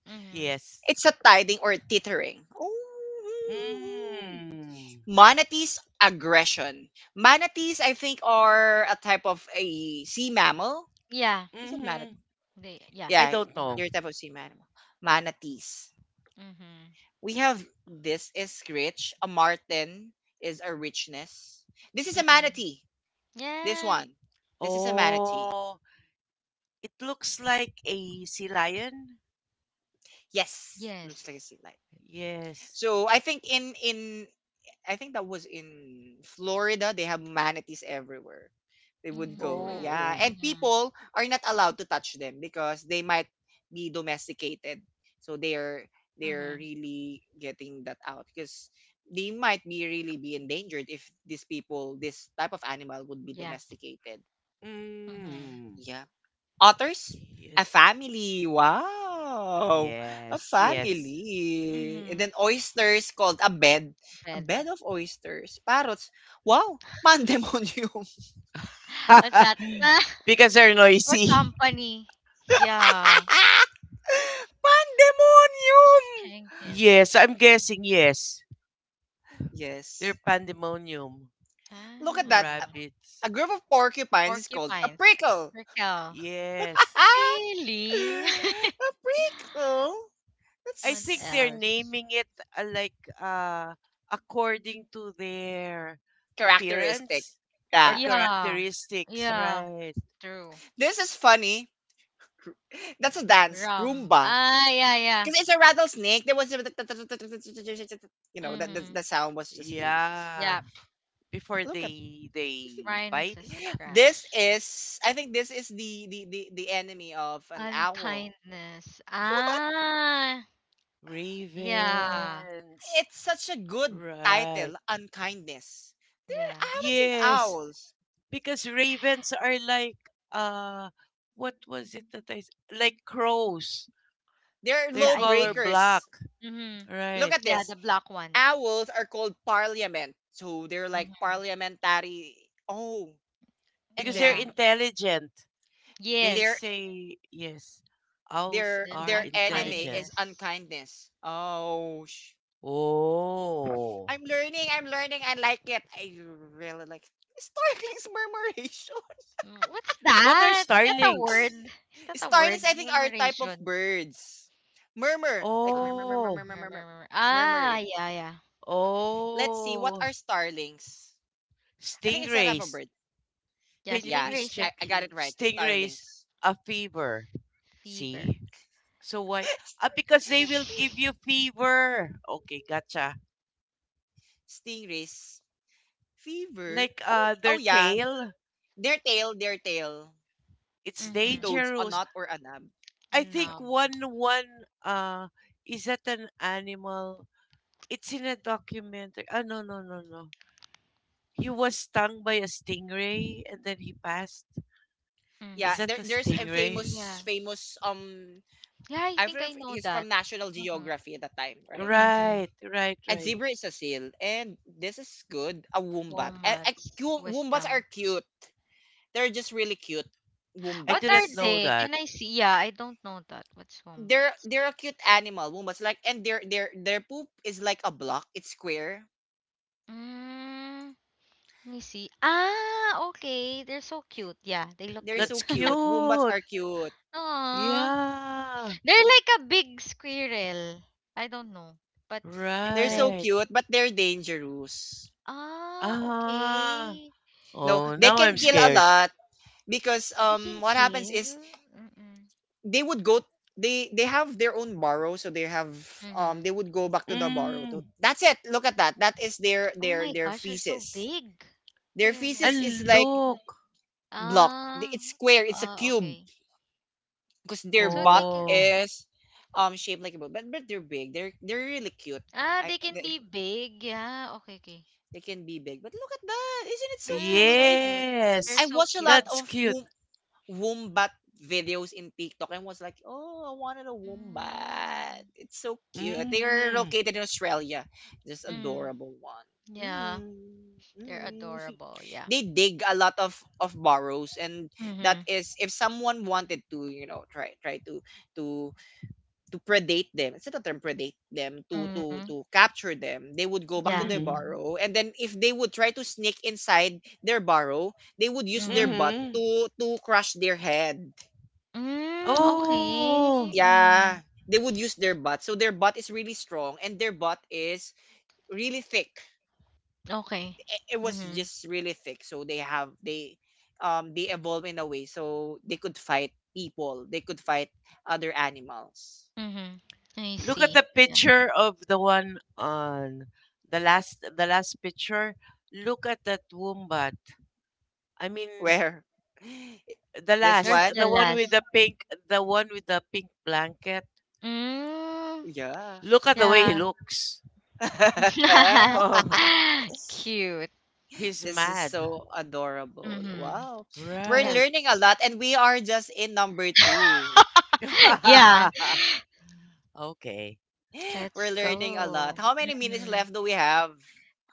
S3: mm-hmm.
S2: Yes.
S1: It's a tithing or teetering. Oh.
S2: Mm.
S1: Manatees aggression. Manatees, I think, are a type of a sea mammal.
S3: Yeah.
S1: Is it manatee?
S2: Mhm.
S3: They, yeah.
S2: I
S1: Yeah,
S3: Si
S2: don't
S1: you're a
S2: know.
S3: mama.
S1: type of sea mammal. Manatees.
S3: Mm-hmm,
S1: We have this is rich. A marten is a richness. This is a
S3: mm-hmm.
S1: manatee. This
S3: Yeah.
S1: one. This is a manatee.
S2: Oh, it looks like a sea lion.
S1: Yes, looks like a
S3: Yes.
S1: sea lion.
S2: Yes.
S1: So I think that was in Florida. They have manatees everywhere. They would go.
S3: Mhm,
S1: Yeah.
S2: Oh.
S1: And
S3: mhm,
S1: people are not allowed to touch them because they might be domesticated. So they're
S3: mhm.
S1: really getting that out because they might be really be endangered if these people this type of animal would be
S3: Yeah.
S1: domesticated.
S3: Mhm.
S2: Mm.
S1: Yeah, otters? A
S2: Yes.
S1: family. Wow. A
S2: Yes. Yes.
S1: family.
S3: Mm-hmm.
S1: And then oysters called a bed. A
S3: Bed.
S1: bed of oysters. Parrots. Wow. Pandemonium.
S3: What's that?
S2: Because they're
S3: Or
S2: noisy.
S3: company. Yeah.
S1: Pandemonium.
S3: Penguins.
S2: Yes, I'm guessing yes. They're
S1: Yes.
S2: pandemonium,
S1: Look at that. A
S3: Oh.
S2: rabbits.
S1: a group of porcupines is called a
S3: Porcupines.
S1: prickle.
S3: Prickle.
S2: Yes.
S1: a
S3: Really?
S1: prickle.
S2: I
S3: What
S2: think
S1: That's
S2: they're
S3: else?
S2: naming it like according to their
S1: characteristic.
S2: appearance or
S1: Yeah.
S3: Yeah.
S2: characteristics,
S3: Yeah.
S2: right?
S3: True.
S1: This is funny. That's a dance,
S3: Rum.
S1: Roomba.
S3: Ah, yeah, yeah.
S1: Because it's a rattlesnake. There was a, that the,
S3: Mm-hmm.
S1: the sound was just really his.
S2: Yeah,
S3: Yeah.
S2: before
S1: Look at
S2: they bite
S3: Rhinoceros
S1: this
S3: crash.
S1: is, I think, this is the enemy of an owl.
S3: Unkindness.
S1: What?
S3: Ah. Yeah,
S2: ravens,
S1: It's such a good
S2: right?
S1: title, unkindness. There,
S3: yeah.
S1: I haven't seen
S2: Yes,
S1: owls.
S2: because ravens are like uh what was it that like crows.
S1: They're
S2: They're
S3: Yeah,
S1: low
S3: I
S2: color
S3: think.
S2: black,
S1: breakers.
S3: Mhm.
S1: Look
S2: right?
S1: at
S3: Yeah, the
S1: this.
S3: black one.
S1: Owls are called parliament, so they're like
S3: Mhm.
S1: parliamentary. Oh, and
S2: Because they're
S3: Yeah.
S1: then
S2: intelligent. They
S1: they're
S3: Yes.
S2: say, yes, owls
S3: Then
S2: are
S1: their enemy
S2: intelligent.
S1: is
S3: unkindness.
S1: unkindness. Oh, sh-
S2: Oh.
S1: I'm learning. I'm learning. I like it. I really like starlings murmuration.
S3: Mm, what's
S2: What are
S3: that? Is that a word?
S2: starlings?
S3: Is that a
S1: starlings,
S3: word?
S1: I think, are a type of
S3: Murmuration.
S1: birds. Murmur, like
S3: Uh,
S1: murmur, murmur,
S2: Oh,
S1: murmur,
S3: murmur,
S1: murmur,
S3: murmur. Ah,
S1: murmuring.
S3: yeah, yeah.
S1: Let's see what
S2: oh,
S1: are starlings. I think it's a type of
S2: stingrays.
S1: bird.
S3: Yeah,
S2: Can you
S1: Yeah,
S2: please
S3: stingrays are
S1: I,
S2: check
S1: I got
S3: cute.
S1: it right.
S2: stingrays,
S1: Starlings.
S2: a fever?
S3: Fever.
S2: See? So why? Ah, because they will give you fever. Okay, gotcha.
S1: Stingrays. Fever.
S2: Like
S1: Oh, oh
S2: their
S1: yeah.
S2: tail,
S1: Their tail, their tail.
S2: it's
S1: Toads,
S3: Mm-hmm.
S1: a knot or
S2: dangerous.
S1: a nub.
S2: I think
S3: Numb.
S2: one is that an animal? It's in a documentary. Ah, no. He was stung by a stingray and then he passed. Is
S1: Yeah,
S3: Mm-hmm.
S1: there,
S2: that a
S1: there's a
S2: stingray?
S1: famous
S3: Yeah.
S1: famous um
S3: Yeah, I
S1: I
S3: think
S1: forgot
S3: I
S1: if
S3: know
S1: he's from
S3: that.
S1: National
S3: Mm-hmm.
S1: Geography at that time, right?
S3: Mm-hmm.
S2: Right,
S1: And
S2: right.
S1: zebra is a seal, and this is good. A wombat.
S3: Walnuts.
S1: Wombats are
S3: Wisdom.
S1: cute. They're just really cute
S2: I
S3: What are
S2: didn't
S1: wombats.
S2: know
S3: they?
S2: that.
S3: Can I see? Yeah, I don't know that. What's
S1: They're
S3: wombats?
S1: they're a cute animal. Wombats like, and their poop is like a block. It's square.
S3: Mm, let me see. Ah, okay. They're so cute. Yeah, they look
S1: They're
S3: cute.
S2: That's
S1: so cute. Wombats
S2: cute.
S1: are cute.
S3: Aww.
S2: Yeah.
S3: They're like a big squirrel. I don't know, but
S1: They're so
S3: different.
S2: Right.
S1: cute, but they're dangerous.
S3: Ah,
S2: Ah.
S3: okay.
S1: No,
S2: Oh,
S1: they
S2: now I'm
S1: can kill a
S3: Mm.
S2: scared.
S1: lot because
S3: They can
S1: what happens
S3: kill?
S1: is
S3: Mm-mm.
S1: they would go. They have their own borrow, so they have
S3: Mm-hmm.
S1: they would go back to the borrow
S2: Mm.
S1: to that's it. Look at that, that is their
S3: Oh
S1: their
S3: my
S1: their
S3: gosh, they're so
S1: feces.
S3: big.
S1: Their
S3: Where, where?
S1: feces is
S2: And
S1: like
S2: look.
S1: block, it's
S3: Ah,
S1: square, it's a cube,
S3: okay.
S1: because their
S3: So
S1: butt
S3: they can,
S2: Oh.
S1: is shaped like a boat, but they're big, they're really cute.
S3: ah,
S1: I
S3: they can
S1: they,
S3: be big. Yeah, okay, okay.
S1: they can be big, but look at that, isn't it so
S3: Yeah,
S1: cute?
S3: so
S1: i
S3: cute. They're
S1: i
S2: Yes.
S3: so
S1: watch a
S3: cute.
S1: lot
S2: That's
S1: of
S2: cute.
S1: wombat videos in TikTok and was like, "Oh, I wanted a wombat.
S3: Mm.
S1: It's so cute. They are
S2: Mm-hmm.
S1: located in Australia. Just
S3: Mm.
S1: adorable one."
S3: Yeah,
S1: Mm,
S3: they're
S1: mm.
S3: adorable. Yeah.
S1: They dig a lot of burrows, and that
S3: Mm-hmm.
S1: is if someone wanted to, you know, try try to to predate them. Is it a term predate them?
S3: Mm-hmm.
S1: To capture them, they would go back to
S3: Yeah.
S1: their
S2: Mm-hmm.
S1: burrow, and then if they would try to sneak inside their burrow, they would use their
S3: Mm-hmm.
S1: butt
S2: Mm-hmm.
S1: to crush their head.
S3: Mm, okay.
S2: Oh,
S3: Mm-hmm.
S1: Yeah, they would use their butt. So their butt is really strong, and their butt is really thick.
S3: Okay.
S1: I- It was
S3: Mm-hmm.
S1: just really thick. So they have they evolve in a way so they could fight people. They could fight other animals.
S3: Mm-hmm. I
S2: look at
S3: see.
S2: the
S3: Yeah.
S2: picture of the one on the last picture. Look at that wombat. I mean,
S1: Where this
S3: There's
S1: one
S3: the
S2: the one with the
S3: last.
S2: pink, the one with the pink blanket.
S3: Mm.
S1: Yeah.
S2: Look at the way he
S3: Yeah.
S2: looks.
S3: Cute.
S2: He's
S1: This is
S2: mad.
S1: so adorable.
S3: Mm-hmm.
S1: Wow. We're
S3: Yeah.
S2: Right.
S1: learning a lot and we are just in number two.
S3: Yeah.
S2: Okay.
S1: We're
S3: Let's
S1: learning a lot.
S3: go.
S1: How many minutes
S3: Mm-hmm.
S1: left do we have?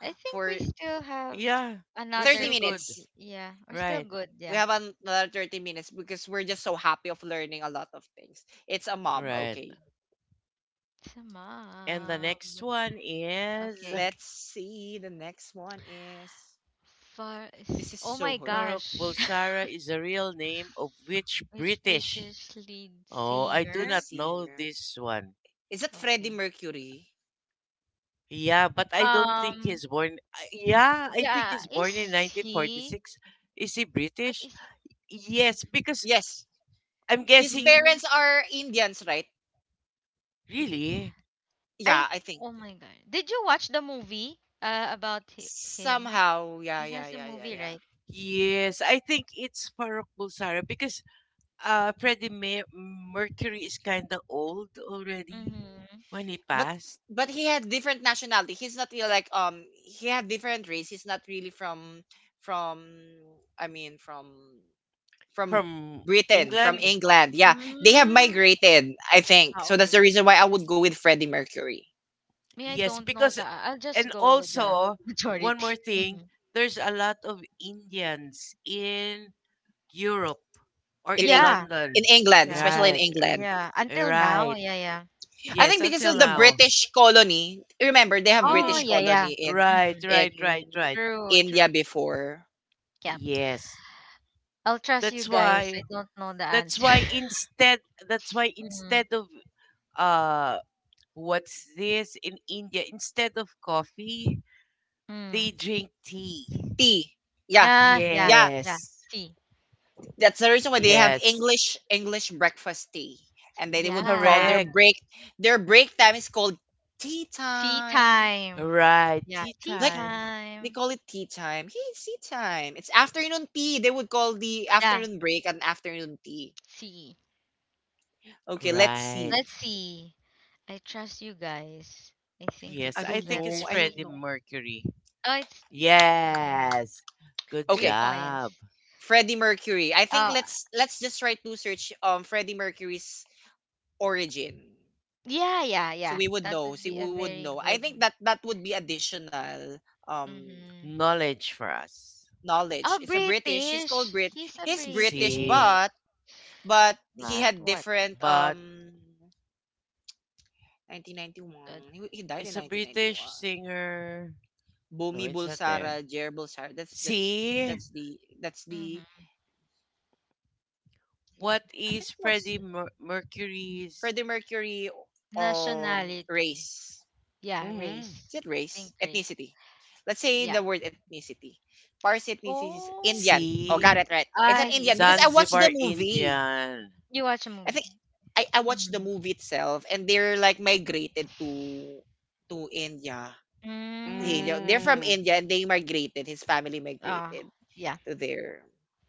S3: I think we
S1: For
S3: still have
S2: Yeah, we're
S3: another
S1: 30
S2: still
S3: 30.
S2: good.
S1: minutes.
S3: Yeah, we're still
S2: Right.
S3: good.
S1: We
S3: Yeah.
S1: have another 30 minutes because we're just so happy of learning a lot of things. It's a mob.
S2: Right.
S1: Okay.
S3: Sa,
S2: And the next one is,
S3: okay.
S1: Let's see. The next one is. This is
S3: Oh
S1: so
S3: my
S1: hard.
S2: Farouk
S3: gosh.
S2: Bulsara is a real name of which
S3: Which
S2: British?
S3: British lead
S2: Oh, I do
S1: Lead
S3: singer?
S2: not know
S1: singer.
S2: this one.
S1: Is it Freddie
S3: Okay.
S1: Mercury?
S2: Yeah, but I don't think
S3: Um
S2: he's born. Yeah, I think
S3: yeah,
S2: he's born
S3: is
S2: in
S3: he
S2: 1946. Is he
S3: what
S2: British?
S3: is
S2: Yes, because
S1: Yes.
S2: I'm
S1: His
S2: guessing.
S3: mm,
S1: parents are Indians, right?
S2: Really?
S3: I
S1: Yeah, I think
S3: oh my god. Did you watch the movie about him?
S1: somehow. Yeah,
S3: He
S1: yeah,
S3: has a
S1: yeah, yeah,
S3: movie,
S1: yeah.
S3: right?
S2: Yes, I think it's Farooq Bulsara because uh, Freddie Mer- Mercury is kind of old already
S3: Mhm.
S2: when he
S1: But
S2: passed,
S1: but he had different nationality. He's not really like, he had different race. He's not really from, from I mean, from from
S2: from
S1: Britain, from
S2: England.
S1: England. Yeah, they have
S3: Mm.
S1: migrated. I think
S3: Ah,
S1: so. That's the
S3: okay.
S1: reason why I would go with Freddie Mercury
S3: Me, I
S2: Yes,
S3: don't know,
S2: because,
S3: the I'll just
S2: and
S3: go with the
S2: also, one more
S3: majority.
S2: thing,
S3: Mhm.
S2: there's a lot of Indians in Europe or
S1: in
S2: in
S3: Yeah.
S2: London.
S1: England,
S3: Yeah.
S1: especially in
S2: Right,
S1: England.
S3: Yeah. Until now,
S2: right.
S3: yeah, yeah.
S1: I
S2: Yes,
S1: think because
S2: until
S1: of the
S2: now.
S1: British colony. Remember, they have
S3: Oh,
S2: Hmm.
S1: British
S3: yeah, yeah.
S1: colony in
S2: Right,
S3: Mhm.
S1: in
S2: right.
S3: True, true.
S1: India before.
S3: Yep.
S2: Yes.
S3: I'll trust you
S2: That's
S3: guys. I
S2: why,
S3: don't know the
S2: that's
S3: answer.
S2: why instead that's why
S3: Mm.
S2: instead of uh, what's this, in India, instead of coffee, they
S3: Mm.
S2: drink tea.
S1: Tea. Yeah,
S3: Ah, yeah.
S1: yeah.
S3: Yeah.
S2: Yes.
S3: Tea.
S1: That's the reason why they have
S2: Yes.
S1: English breakfast tea, and then they would call their
S3: Yeah.
S2: Correct.
S1: break time is called tea
S3: Tea
S1: time.
S3: time.
S2: Right.
S3: Yeah,
S2: Tea
S3: tea
S1: Like,
S2: time.
S1: they
S3: time.
S1: call it tea time. Hey, it's tea time. It's afternoon tea. They would call the
S3: Yeah.
S1: afternoon break an afternoon tea.
S3: C.
S1: Okay, let's
S2: Right.
S1: see.
S3: Let's see. I trust you guys. I think
S2: Yes,
S1: I
S2: I
S3: it's
S1: don't
S2: think it's
S1: know.
S3: letter
S1: I don't
S2: Freddie
S3: C.
S1: know.
S2: Mercury.
S3: Oh, it's Freddie Merc-
S2: Yes. Good
S3: three
S1: Okay,
S2: job.
S3: points.
S1: Freddie Mercury. I think
S3: Oh,
S1: let's just try to search Freddie Mercury's origin.
S3: yeah, yeah,
S1: So
S3: yeah.
S1: we would
S3: That
S1: know.
S3: would
S1: See,
S3: be
S1: we
S3: a
S1: would
S3: very
S1: know. I
S3: good.
S1: think that would be additional um
S3: Mm-hmm.
S2: Knowledge for us.
S1: knowledge.
S3: Oh,
S1: It's a British. He's called
S3: British.
S1: Brit.
S3: He's a
S1: He's British,
S2: See,
S3: British.
S1: but he
S3: But
S1: had
S3: what?
S1: different,
S2: but
S1: 1991. He died
S2: it's
S1: in
S2: a British
S1: 1991.
S2: singer. No,
S1: Bumi
S2: it's not there.
S1: Bulsara, Jer Bulsara.
S2: See,
S1: That's the
S3: Mm-hmm.
S2: what
S1: I
S2: is
S1: think, what's
S2: Mercury's?
S1: Freddie Mercury, um
S3: Nationality.
S1: race.
S3: Yeah,
S2: Mm-hmm.
S1: Is
S3: race.
S1: it race?
S3: Think race.
S1: Ethnicity. Let's say
S3: Yeah.
S1: the word ethnicity. Parsi ethnicity is
S3: Oh,
S1: Indian. Oh, got it
S2: See,
S1: right. It's an
S3: ah,
S1: Indian because I
S3: Indian.
S1: watched the
S2: Zanzibar
S1: movie.
S2: Indian.
S3: You watch a
S1: I think
S3: movie.
S1: I watched the
S3: Mm-hmm.
S1: movie itself and they're like migrated to India.
S3: Mm,
S1: India. They're from
S2: Mm,
S1: India and they migrated. His family
S3: oh,
S1: migrated
S3: yeah.
S1: to there.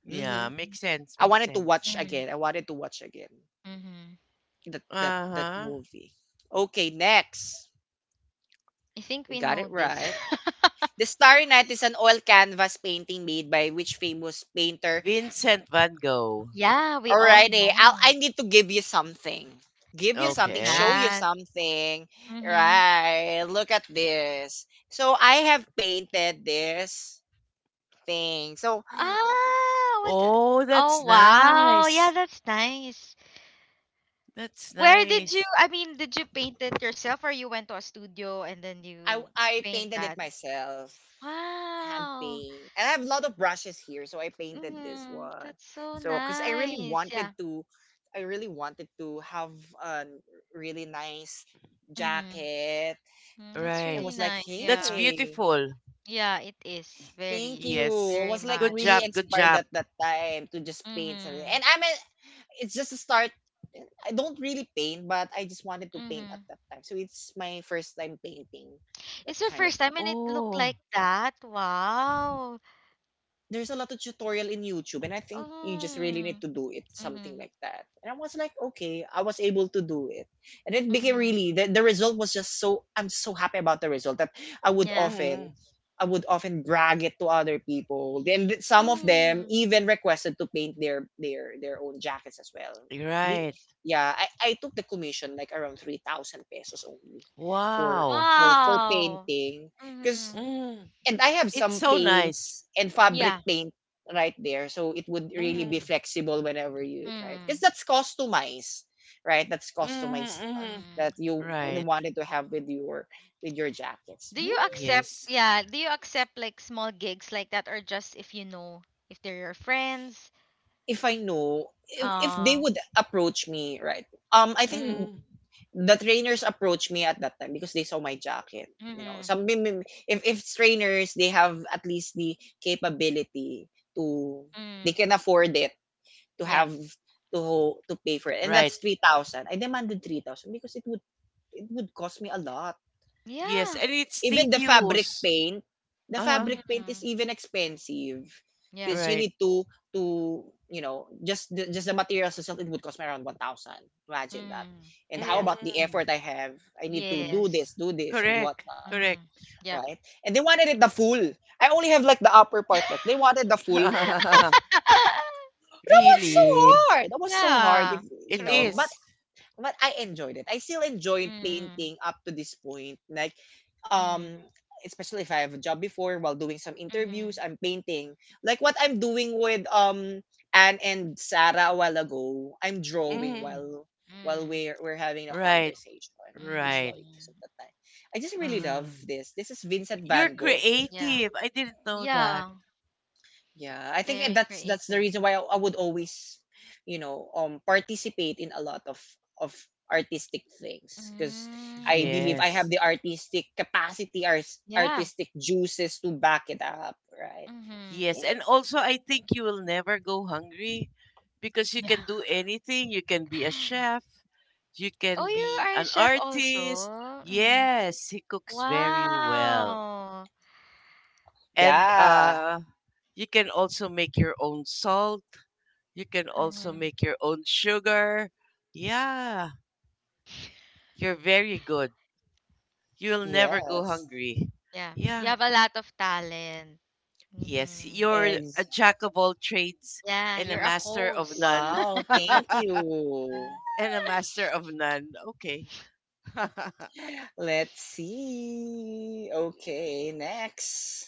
S2: yeah,
S1: Hmm,
S2: makes sense,
S1: I
S2: makes
S1: wanted to watch
S2: sense.
S3: Mm,
S1: again. I wanted to watch again
S3: mm-hmm.
S1: that
S2: Uh-huh.
S1: movie. Okay, next.
S3: I think
S1: We
S3: we
S1: got
S3: know
S1: it
S3: this.
S1: right. The Starry Night is an oil canvas painting made by which famous painter?
S2: Vincent Van Gogh.
S3: Yeah, we all
S1: Alrighty, I
S3: know.
S1: need to give you something. Give you
S3: What's
S1: something, show
S2: Okay.
S1: you
S3: that?
S1: something.
S3: Mm-hmm.
S1: Right, look at this. So I have painted this thing. So
S3: Ah, what the.
S2: Oh,
S3: Oh,
S2: that's
S3: wow. Yeah,
S2: nice.
S3: that's nice.
S2: That's
S3: Where did you,
S2: nice.
S3: I mean, did you paint it yourself, or you went to a studio and then
S1: I,
S3: you
S1: I
S3: paint
S1: painted it
S3: that?
S1: myself, hand
S3: Wow.
S1: paint. And I have a lot of brushes here, so I painted this
S3: Mm,
S1: one.
S3: that's so
S1: So, because I really
S3: nice.
S1: wanted
S3: Yeah.
S1: to, I really wanted to have a really nice
S3: Mm-hmm.
S1: jacket.
S3: Mm, that's
S1: I
S2: Right.
S3: really
S1: was like,
S3: nice.
S2: That's
S3: Yeah.
S1: "Hey,
S2: beautiful.
S3: Yeah, it is.
S1: thank
S3: Very,
S1: you."
S2: Yes.
S1: I
S3: very
S1: was like
S2: Good
S1: really
S3: much.
S2: job. Good
S1: inspired
S2: job.
S1: at that time to just paint something.
S3: Mm-hmm.
S1: And I mean, it's just a start. I don't really paint, but I just wanted to paint at
S3: Mm-hmm.
S1: that time. So it's my first time painting, that
S3: It's your
S1: kind of
S3: first time
S1: thing.
S3: and it looked
S2: Oh.
S3: like that. Wow.
S1: There's a lot of tutorial in YouTube, and I think you just really need
S3: Mm.
S1: to do it, something
S3: Mm-hmm.
S1: like that. And I was like, okay, I was able to do it, and it became
S3: Mm-hmm.
S1: really, the result was just so, I'm so happy about the result that I
S3: Mm-hmm.
S1: would
S3: Yeah.
S1: often
S2: Mm.
S1: I would often brag it to other people. Then some of them
S3: Mm.
S1: even requested to paint their own jackets as well. The
S2: Right.
S1: Yeah, I took the commission like around 3,000 pesos only for
S2: Wow.
S1: for
S3: Wow.
S1: painting, because
S3: Mm.
S2: Mm.
S1: and I have
S2: It's
S1: some
S2: so nice.
S1: paints and fabric
S3: Yeah.
S1: paint right there. So it would really be
S2: Mm.
S1: flexible whenever you try it. Because
S3: Mm.
S1: that's customized, right? That's
S2: Mm.
S1: customized,
S2: Mm.
S3: Mm.
S1: that you
S2: Right.
S1: wanted to have with your jackets.
S3: Do
S1: Hmm,
S3: you accept,
S2: Yes.
S3: yeah, do you accept like small gigs like that, or just if you know if they're your friends?
S1: if I know, if they
S3: Uh,
S1: would approach me, right? I think
S3: mm,
S2: Mm.
S1: the trainers approached me at that time because they saw my jacket. You know,
S3: mm,
S1: some, if trainers, they have at least the capability to, they
S3: mm,
S1: can afford it, to
S3: yeah.
S1: have to to pay for it. And
S2: Right.
S1: that's 3,000. I demanded 3,000 because it would cost me a lot.
S2: Yes.
S3: Yeah.
S2: And it's
S1: Even the fabric
S2: tedious.
S1: paint
S2: Uh-huh.
S1: is
S3: Mm,
S1: even expensive
S3: yeah.
S1: because you
S2: Right.
S1: need to just the materials itself, it would cost me around 1,000. Imagine that.
S3: Mm,
S1: And how
S3: yeah.
S1: about the
S2: Mm.
S1: effort I have? I need to
S3: Yes.
S1: do this and
S2: Correct.
S1: whatnot,
S2: Correct.
S3: Mm, yeah.
S1: right? And they wanted it the full. I only have like the upper part, like they wanted the full. I was like, that was so
S2: Really.
S1: hard. That was so hard if
S3: Yeah.
S2: It
S3: True.
S1: but
S2: is.
S1: I enjoyed it. I still enjoy
S3: Mm,
S1: painting up to this point. Like,
S3: mm,
S1: um, especially if I have a job before while doing some interviews,
S3: mm.
S1: I'm painting. Like what I'm doing with Anne and Sarah a while ago, I'm drawing
S2: Mm.
S3: Mm.
S1: while
S3: Mm.
S1: we're having a
S2: Right.
S1: conversation.
S2: Right.
S1: Usually most
S3: Mhm.
S1: of the time, I just really love
S2: Ah,
S1: this. This is Vincent
S2: you're
S1: Van Gogh.
S3: Yeah.
S2: creative. I didn't know that.
S3: Yeah.
S1: Yeah, I think
S3: Very
S1: that's the
S3: creative.
S1: reason why I would always, participate in a lot of artistic things because
S3: Mm.
S1: I believe
S3: Mhm.
S1: I have
S2: Yes.
S1: the artistic capacity,
S3: Yeah.
S1: artistic juices to back it up, right?
S3: Mhm.
S2: Yes. And also, I think you will never go hungry because you
S3: Yeah.
S2: can do anything. You can be a chef, you can
S3: Oh, you
S2: be
S3: are a
S2: an
S3: chef
S2: artist.
S3: also. Mm-hmm.
S2: Yes, he cooks very well.
S3: Wow.
S2: And
S1: Yeah.
S2: you can also make your own salt. You can also
S3: Mm-hmm.
S2: make your own sugar. Yeah, you're very good. You'll never go
S1: Yes.
S2: hungry.
S3: Yeah. You
S2: Yeah.
S3: have a lot of talent.
S2: Yes,
S3: Mm-hmm.
S2: you're
S1: Ex-
S2: a jack of all trades
S3: Yeah,
S2: and a
S3: you're a
S2: master of
S3: host.
S2: none.
S1: wow. Thank you.
S2: And a master of none. Okay.
S1: Let's see. Okay. Next.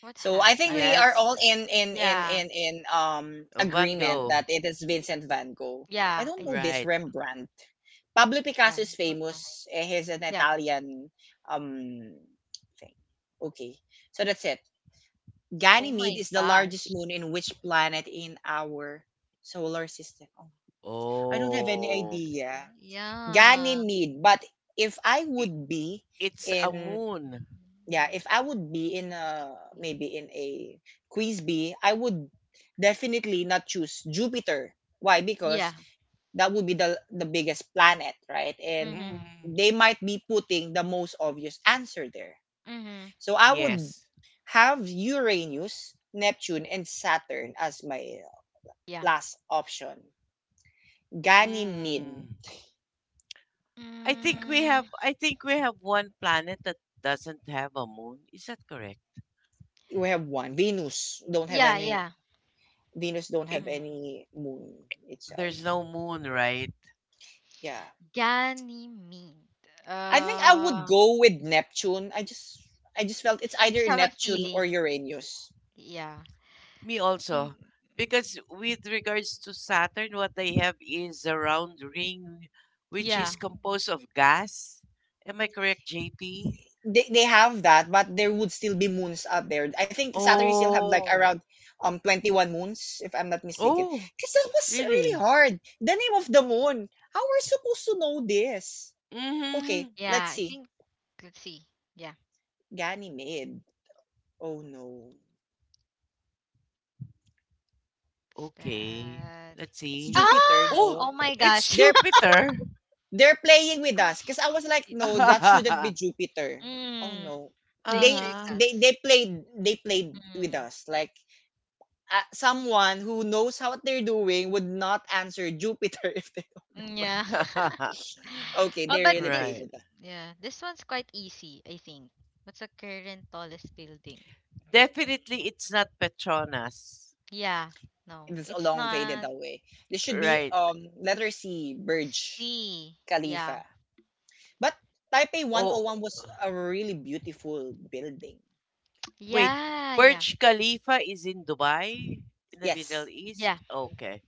S3: What
S1: So I
S3: happened?
S1: think
S3: Ah,
S1: we
S3: yeah.
S1: are
S2: Yes,
S1: all in in in
S3: Yeah.
S1: in in um
S2: Van
S1: agreement
S2: Gogh.
S1: that it is Vincent van Gogh. I
S3: Yeah,
S1: don't
S3: I
S1: know this
S3: think.
S2: Right.
S1: Rembrandt. Pablo
S3: Yeah,
S1: Picasso
S3: I
S1: is
S3: don't know, right?
S1: famous. He's an
S3: Yeah.
S1: Italian um thing. Okay. So that's it.
S3: Oh
S1: Ganymede
S3: my
S1: is the largest
S3: gosh.
S1: moon in which planet in our solar system? Oh, I don't have any
S3: Uh,
S2: Oh,
S1: idea.
S3: yeah.
S1: Ganymede, but if I
S2: it,
S1: would be
S2: it's a
S1: in
S2: moon.
S1: yeah, if
S3: Nerd.
S1: I would be in
S3: I think.
S1: a maybe
S3: eh,
S1: in a quiz bee, I would definitely not choose Jupiter. Why? Because
S3: Yeah.
S1: that would be the biggest planet, right? And
S3: Mhm.
S2: Mm,
S1: they might be putting the most obvious answer there.
S3: Mhm.
S1: So I would
S2: yes.
S1: have Uranus, Neptune, and Saturn as my
S3: Yeah.
S1: last option. Ganymede,
S2: Mm. I think we have.
S3: Mm,
S2: I think we have one planet that doesn't have a moon. Is that correct?
S1: we have one. Venus don't have
S3: yeah,
S1: any.
S3: yeah.
S1: Venus don't
S2: It,
S1: have
S3: Mhm.
S1: any moon itself.
S2: there's no moon, right?
S1: Yeah,
S3: Ganymede.
S1: I think I would
S3: Uh,
S1: go with Neptune. I just felt it's
S3: just
S1: either
S3: have a
S1: Neptune or
S3: feeling.
S1: Uranus.
S3: Yeah.
S2: Me also.
S3: Mm,
S2: Because with regards to Saturn, what they have is a round ring which is
S3: yeah.
S2: composed of gas. Am I correct, JP?
S1: They have that, but there would still be moons out there. I think Saturn still have like
S2: Oh.
S1: around 21 moons if I'm not mistaken.
S2: Oh,
S1: Because that was really
S2: really?
S1: hard. The name of the moon. How are we supposed to know this? Okay,
S2: Mm-hmm.
S1: let's
S3: Yeah. I
S1: see.
S3: think. Let's see. Yeah.
S1: Ganymede. Oh no.
S3: It's
S2: Okay.
S3: that.
S2: Let's
S1: It's
S2: see.
S1: Jupiter,
S3: Ah!
S2: Oh,
S1: no.
S3: Oh my
S2: it's
S3: gosh.
S1: They're
S2: Jupiter.
S1: They're playing with us. Because I was like, no,
S3: It-
S1: that shouldn't be Jupiter. Oh
S3: Mm,
S1: no.
S3: they
S1: They
S3: trick
S2: Uh-huh.
S1: they
S3: us.
S1: they played they played with
S3: Mm.
S1: us. Like someone who knows how what they're doing would not answer Jupiter if they
S3: Yeah.
S1: don't. Okay,
S3: Well,
S1: they
S3: but
S1: really played
S3: this,
S2: Right.
S1: with us.
S3: yeah, this one's quite easy, I think. What's the current tallest building?
S2: Definitely it's not Petronas.
S3: Yeah, no,
S1: It's a
S3: it's
S1: long faded
S3: not.
S1: away. This should
S3: Yeah.
S1: be
S2: Right.
S1: letter C, Burj
S3: C, yeah,
S1: Khalifa. But Taipei
S2: Oh.
S1: 101 was a really beautiful building.
S2: Wait,
S3: yeah, yeah,
S2: Burj Khalifa is in Dubai, in the Middle
S1: Yes.
S2: East?
S3: yeah.
S2: Okay.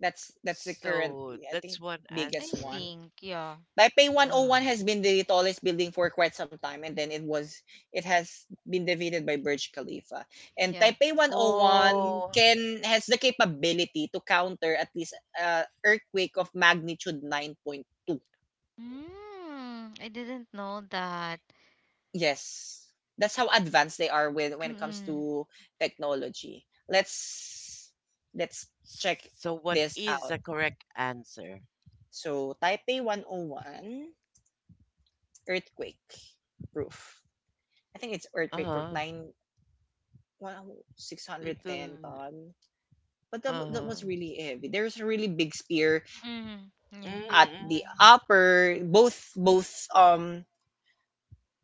S1: That's the current
S2: So
S1: I
S2: that's
S1: think
S2: one
S3: I
S1: biggest one.
S2: answer.
S3: think, yeah,
S1: Taipei 101
S2: Ah,
S1: has been the tallest building for quite some time, and then it has been defeated by Burj Khalifa. And
S3: yeah.
S1: Taipei 101
S2: oh,
S1: can has the capability to counter at least earthquake of magnitude 9.2.
S3: I didn't know that.
S1: Yes, that's how advanced they are when it comes
S3: Mm,
S1: to technology. Let's let's check
S2: so what
S1: this
S2: is
S1: out.
S2: the correct answer?
S1: So Taipei 101 earthquake proof. I think it's earthquake proof
S2: Uh,
S1: nine 610 ton. But that
S2: uh,
S1: was really heavy. There's a really big spear
S3: mm, yeah.
S1: at the
S2: mm,
S1: upper, um,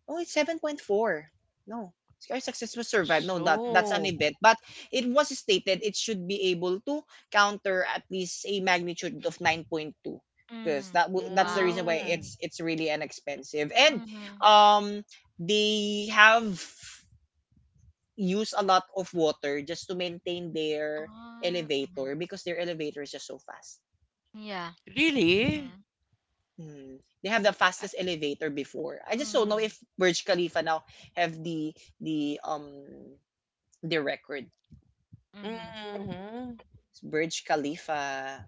S1: oh, it's 7.4. No. Sky successful survive. No, that's
S3: Mm-hmm,
S1: an
S2: so,
S1: event. But it was stated it should be able to counter at least a magnitude of 9.2. Because
S3: mm-hmm.
S1: that's the reason
S3: Wow.
S1: why
S2: mm,
S3: Mm,
S1: it's really inexpensive. And
S3: mm-hmm.
S1: um they have use a lot of water just to maintain their
S3: Mm-hmm.
S1: elevator because their elevator is just so fast.
S3: Yeah.
S2: really?
S3: Mm-hmm,
S1: Hmm. They have the fastest elevator before. I just don't know
S3: mm-hmm,
S1: if Burj Khalifa now have the um the record.
S3: mm-hmm.
S2: Mm-hmm.
S1: Burj Khalifa.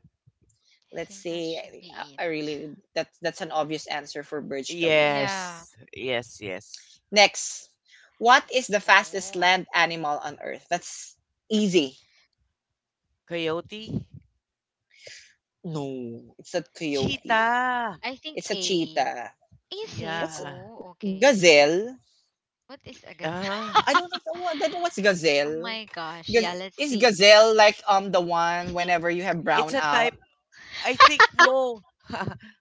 S3: I
S1: Let's
S3: think that
S1: say
S3: should be
S1: I
S3: it.
S1: really that's an obvious answer for Burj Khalifa.
S3: Yeah.
S2: Yes, yes.
S1: Next, what is the fastest
S3: Oh,
S1: land animal on Earth? That's easy.
S2: Coyote?
S1: No, it's a coyote.
S2: Cheetah!
S3: I think
S1: It's a
S3: A.
S1: cheetah.
S3: Is it?
S1: What's
S2: Yeah.
S3: Oh, okay.
S1: gazelle?
S3: What is Agas?
S2: Uh-huh.
S1: I don't know what's
S3: Oh
S1: gazelle.
S3: my gosh. Yeah, let's
S1: Is
S3: see.
S1: gazelle like the
S3: I
S1: one
S3: think.
S1: whenever you have
S2: It's
S1: brown
S2: a
S1: out?
S2: type, I think no.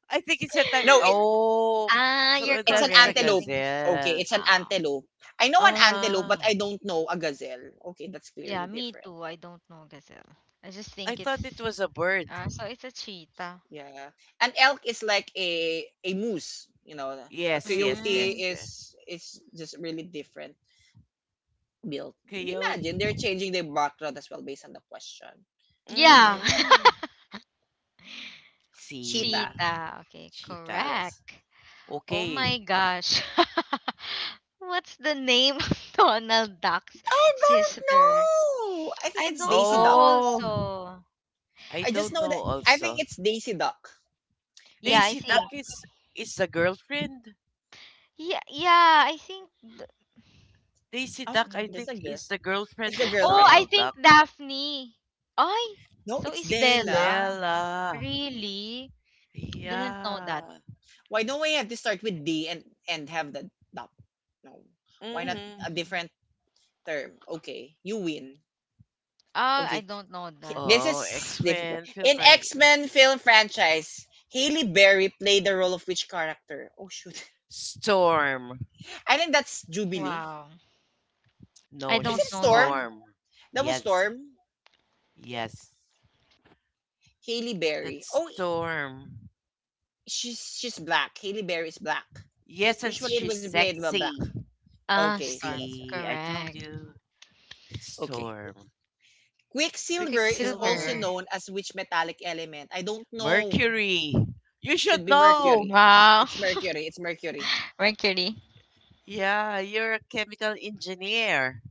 S2: I think it's a type
S1: No, it,
S2: oh
S3: Ah, you're
S2: so
S1: it's an
S2: that's the
S3: correct. I
S1: antelope.
S3: think it's it.
S1: Okay,
S2: gazelle.
S1: it's an
S3: Ah,
S1: antelope. I know an antelope, but
S2: Ah,
S1: I don't know a gazelle. Okay, that's
S3: yeah,
S1: clearly
S3: me
S1: different.
S3: too. I don't know gazelle. I just
S2: I
S3: think
S2: thought it
S3: it's
S2: was a bird.
S3: so it's a cheetah.
S1: Yeah, an elk is like a moose. A
S2: Yes, yes,
S1: coyote
S3: Mm,
S2: yes. Yeah.
S1: is just really different built. Imagine
S2: Coyote.
S1: they're changing their background as well based on the question.
S3: yeah.
S1: Okay,
S2: Mm-hmm.
S1: cheetah.
S2: See.
S3: Cheetah. Okay,
S2: Cheetah.
S1: Yes.
S3: correct. Oh my
S2: Okay.
S3: gosh. What's the name of Donald Duck's
S1: I don't
S3: sister?
S1: know. I
S3: I
S1: think it's
S3: don't
S1: Daisy
S3: know
S1: Duck.
S2: Oh,
S3: also.
S2: I
S1: I just
S2: don't
S1: know
S2: know
S1: that I think
S2: also.
S1: it's Daisy Duck. It's
S3: Yeah, I
S2: Daisy Duck
S3: think.
S2: is is the girlfriend.
S3: Yeah, yeah, I think.
S2: Daisy
S1: Oh,
S2: Duck I
S3: Mm.
S1: there's
S2: think
S1: a girl.
S2: is the
S1: It's
S2: girlfriend
S1: the
S2: of
S3: Oh, I
S1: girlfriend.
S2: Donald
S3: think
S2: Duck.
S3: Daphne. Ay,
S1: No,
S3: so
S1: it's
S3: is
S2: It's
S1: Della.
S3: Della.
S2: Stella.
S3: Really? Didn't know that.
S2: Yeah.
S1: Why don't we have to start with D and have the duck? No. Why not
S2: Mm-hmm.
S1: a
S3: Mm.
S1: different term? Okay, you win.
S3: Ah, I
S1: Okay,
S3: don't know that.
S1: This
S2: Oh,
S1: is difficult.
S2: X-Men, feel
S1: In
S2: free.
S1: X Men film franchise, Haley Berry played the role of which character? Oh shoot,
S2: Storm.
S1: I think that's Jubilee.
S3: Wow. I
S2: No,
S1: Is
S3: don't
S2: she's
S1: it
S3: know that.
S1: Storm?
S2: Storm.
S1: That was
S2: Yes.
S1: Storm.
S2: Yes.
S1: Haley Berry.
S2: That's
S1: Oh,
S2: Storm.
S1: she's black. Haley Berry is black.
S2: Yes, and
S1: Usually it
S2: she's
S1: was played by black.
S2: sexy.
S3: Ah,
S1: Okay, so
S3: Storm.
S1: that's right.
S2: See, I told
S3: Correct.
S2: you. It's
S1: Okay.
S2: Storm.
S1: Quicksilver is also
S3: Quicksilver.
S2: Quicksilver.
S1: known as which metallic element? I don't know.
S2: Mercury. You should
S1: Should be
S2: know.
S1: mercury.
S3: Wow.
S1: It's mercury. It's mercury.
S3: Mercury.
S2: Yeah, you're a chemical engineer.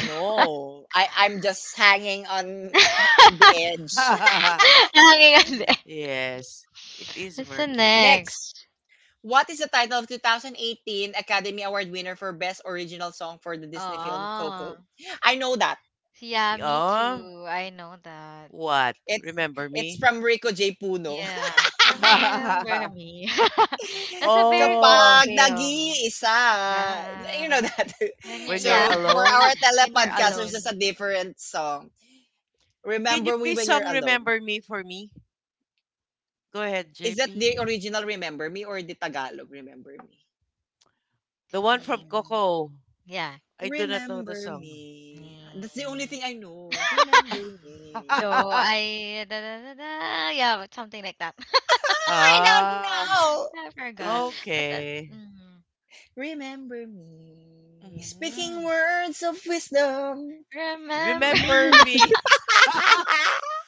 S1: No, I'm just hanging on on the edge.
S3: Nakakingandi.
S2: Yes, it is
S3: What's the
S2: Mercury.
S1: Next,
S3: next?
S1: what is the title of 2018 Academy Award winner for Best Original Song for the Disney film Coco?
S3: Oh.
S1: I know that.
S3: Yeah, me
S2: Yeah,
S3: too. I know that.
S2: what?
S1: It's
S2: Remember
S1: it's
S2: me?
S1: from Rico J. Puno.
S3: Yeah, Remember Me. That's a very good
S2: Oh,
S1: Kapag
S3: film.
S1: nag-iisa, you know
S3: Yeah,
S1: that.
S3: when you're
S2: when you're
S3: yeah.
S1: So for our
S2: alone?
S3: When you're
S1: telepodcasters, there's
S3: alone.
S1: a different song.
S2: Can you
S1: Remember Me
S2: please
S1: When You're
S2: song
S1: Alone.
S2: Remember Me for me? Go ahead,
S1: Is that
S2: JP.
S1: the original Remember Me or the Tagalog Remember Me?
S2: The one from
S3: Thing.
S2: Coco.
S3: Yeah.
S2: I do not know the
S1: Remember
S2: song.
S1: Me. That's the only
S3: Mm,
S1: thing I know. Remember Me.
S3: though I da, da, da, da, yeah, but something like that.
S1: I don't
S2: Ah,
S1: know.
S3: I forgot, but that
S2: okay.
S1: Remember Me. Speaking
S2: Mhm.
S1: words of wisdom.
S3: remember.
S2: Remember me.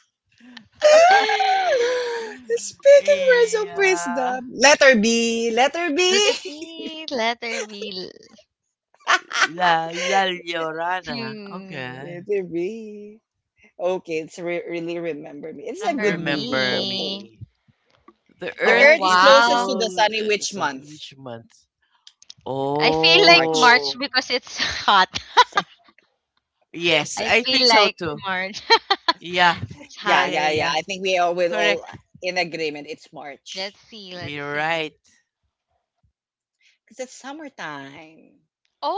S1: Speaking words of
S2: Yeah.
S1: wisdom. Letter B. Letter B.
S3: Letter B,
S2: La La Llorana.
S3: to
S2: Okay.
S1: Letter B. Okay, it's really remember me. It's a good
S3: remember
S1: movie,
S2: Remember
S1: Coco.
S3: me.
S2: me. The
S1: The
S3: Oh,
S2: Earth
S1: Earth is
S2: is a
S1: closest
S3: wow.
S1: to the
S2: globe.
S1: sun in
S2: The
S1: which
S2: sun-
S1: month?
S2: Which month?
S3: I feel like
S1: March.
S3: March
S2: Oh,
S3: because it's hot.
S2: yes,
S3: I
S2: I think
S3: feel
S2: so
S3: like
S2: too.
S3: March.
S2: Yeah,
S3: It's
S1: Yeah,
S2: yeah,
S3: hot.
S2: yeah,
S1: yeah, yeah.
S2: yeah.
S1: I think we are with all
S2: Correct.
S1: in agreement. It's March
S3: Let's see, let's
S2: You're right.
S3: see.
S1: because it's summertime.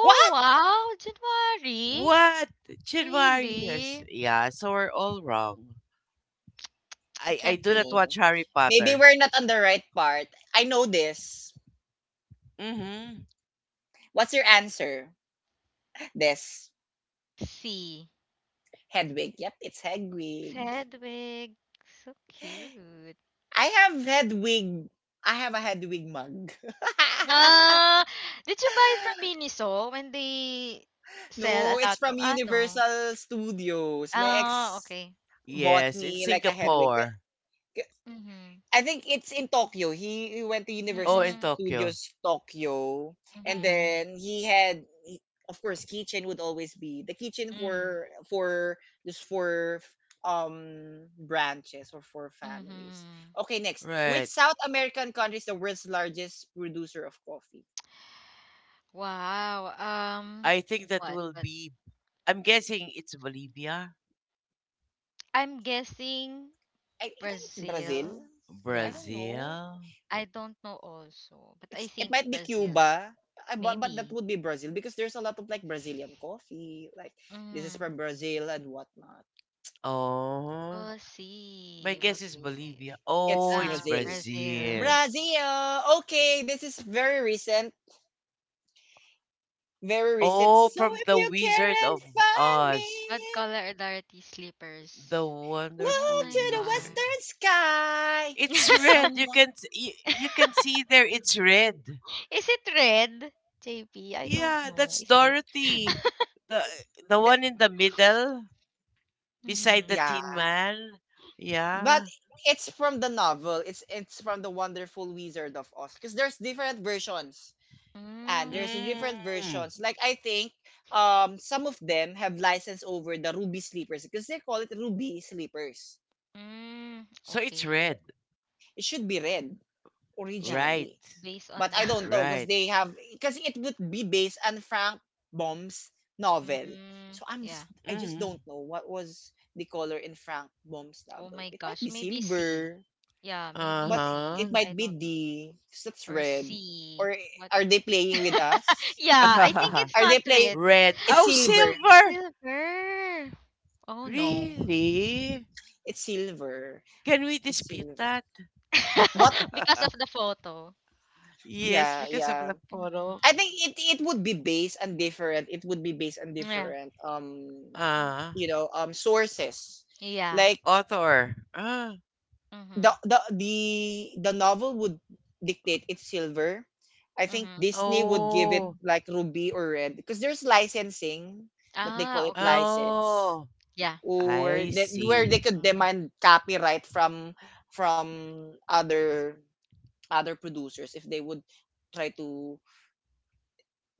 S1: What?
S3: wow, January.
S2: What? Januarius?
S3: Really?
S2: Yeah, so we're all wrong.
S3: I
S2: I
S3: can't
S2: do not
S3: believe.
S2: watch
S1: No.
S2: Harry
S1: Maybe
S2: Potter.
S1: we're not on the right part. I know this.
S2: Mm-hmm.
S1: What's your answer? This.
S3: See.
S1: Hedwig. Yep, it's Hedwig.
S3: Sedwig. So cute.
S1: I have Hedwig. I have a Hedwig mug.
S3: Ah, did you buy it from Miniso when they sell
S1: No,
S3: a
S1: it's
S3: lot of
S1: from
S3: ano?
S1: Universal Studios. My
S3: Ah,
S1: ex
S3: okay.
S1: bought
S2: Yes, in
S1: me like a Hedwig.
S2: Singapore.
S3: Mm-hmm.
S1: I think it's in Tokyo. He went to
S2: Oh,
S1: Universal
S2: in
S3: Mm-hmm.
S2: Tokyo.
S1: Studios Tokyo, and
S2: Mm-hmm.
S1: then of course, kitchen would always be the kitchen
S3: Mm-hmm.
S1: for branches or for families.
S3: Mm-hmm.
S1: Okay, next, which
S2: Right.
S1: South American country is the world's largest producer of coffee?
S3: Wow.
S2: I think that
S3: What?
S2: will
S3: But
S2: be. I'm guessing it's Bolivia,
S3: I'm guessing
S1: I think it's Brazil.
S3: Brazil.
S1: I
S3: Yeah,
S1: don't know.
S2: Brazil.
S3: I don't know also, but I
S1: It
S3: think
S1: might be
S3: Brazil.
S1: Cuba. But that
S3: Maybe.
S1: would be Brazil because there's a lot of like Brazilian coffee, like this is
S3: Mm,
S1: from Brazil and whatnot.
S2: Oh.
S3: we'll
S2: My
S3: see. We'll
S2: guess
S3: see.
S2: is
S3: We'll see.
S2: Bolivia.
S1: It's
S2: Oh, it's
S1: Brazil.
S3: Brazil.
S2: Brazil.
S1: Brazil. Okay, this is very recent. Very recent.
S2: Oh,
S1: So
S2: from
S1: if
S2: the
S1: you
S2: Wizard
S1: can't
S2: of
S1: find me,
S2: Oz,
S3: What color are Dorothy's
S2: the
S3: slippers? Oh
S1: look
S2: Wonderful
S3: my
S1: to the
S2: Wizard.
S3: god.
S1: western sky.
S2: It's red.
S1: Someone.
S2: You, you can see there. It's red.
S3: Is it red? JP, I don't
S2: Yeah,
S3: know.
S2: that's
S3: Is it?
S2: Dorothy, the the
S1: That,
S2: one in the middle beside
S3: Mm-hmm.
S2: the
S1: yeah,
S2: Tin Man.
S1: but
S2: Yeah.
S1: it's from the novel. It's from the Wonderful Wizard of Oz. Because there's different versions, and
S3: Mm,
S1: there's different
S2: Mm.
S1: versions. Like I think some of them have license over the ruby sleepers because they call it ruby sleepers.
S3: mm,
S2: So it's red.
S3: okay.
S1: It should be red
S3: Yeah.
S2: Right.
S1: originally.
S3: Based
S1: But
S3: on the.
S1: I don't know because
S2: Right.
S1: they have because it would be based on Frank Baum's novel.
S3: Mm,
S1: So
S3: yeah.
S1: I just
S2: Mm.
S1: don't know what was the color in Frank Baum's
S3: Oh
S1: novel.
S3: my
S1: It might
S3: gosh,
S1: be
S3: maybe C.
S1: silver,
S3: Yeah, maybe
S1: but it
S3: C.
S2: Uh
S3: I
S1: might be
S3: don't know.
S1: the that's
S3: Or
S1: red.
S3: C.
S1: Or
S3: What?
S1: are they playing with us?
S3: Yeah, I think
S2: huh.
S3: it's
S1: Are they
S3: not
S1: playing?
S3: red.
S2: Red.
S1: It's
S2: Oh,
S1: silver.
S2: silver.
S3: Silver. Oh no.
S2: Really?
S1: It's silver.
S2: Can we
S1: It's
S2: dispute
S1: silver.
S2: that?
S1: What?
S3: Because of the photo.
S2: Yes,
S1: Yeah,
S2: because of
S1: yeah.
S2: the photo.
S1: I
S3: Hmm.
S1: think it would be based on different. It would be based on
S3: Yeah.
S1: different
S3: Mm,
S2: Ah,
S1: sources
S3: yeah.
S1: like
S2: author. Ah,
S1: the
S3: Mm-hmm.
S1: the the the novel would dictate it's silver. I think
S3: Mm-hmm.
S1: Disney would give it
S2: oh,
S1: like ruby or red because there's licensing that they call
S3: Ah,
S1: it
S3: okay.
S1: license
S2: oh.
S3: Yeah.
S1: or
S2: I
S1: that where
S2: see.
S1: they could
S3: Mm-hmm.
S1: demand copyright from other producers if they would try to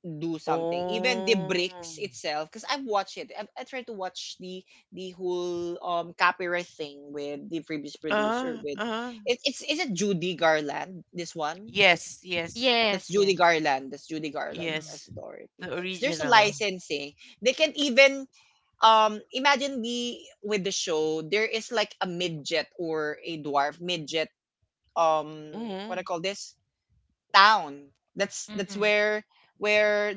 S1: do something. Even the
S2: Oh.
S1: bricks itself, because I've watched it. I tried to watch the whole copyright thing with the previous producer.
S2: Ah,
S1: With
S2: ah.
S1: it, it's Is it Judy Garland? This one.
S2: Yes, yes,
S1: That's
S3: Yes,
S1: Judy
S3: yes.
S1: Garland. That's Judy Garland
S3: Mm-hmm.
S1: as
S2: yes.
S1: Dorothy.
S2: The
S1: 'Cause there's a
S2: original.
S1: licensing. They can even imagine the with the show there is like a midget or a dwarf midget um what I
S2: Hmm.
S1: call this town. That's
S3: Mm-hmm.
S1: where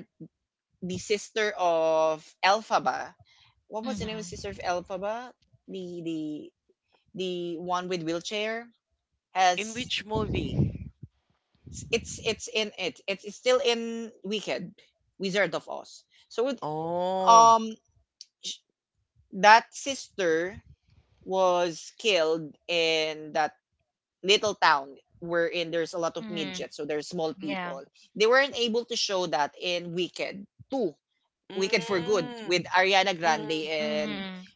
S1: the sister of Elphaba. What was the name of the sister
S3: Mm-hmm.
S1: of Elphaba? The the the one with wheelchair
S2: In
S1: has
S2: which movie?
S1: it's in it. It's still in Wicked, Wizard of Oz. So with
S2: Oh.
S1: um sh- that sister was killed in that little town wherein there's a lot of
S3: hmm
S1: midgets, so there's small
S3: Yeah.
S1: people. They weren't able to show that in Wicked 2, Wicked for Good, with
S2: Mm.
S1: Ariana Grande
S2: Mm.
S1: and
S3: Mm-hmm.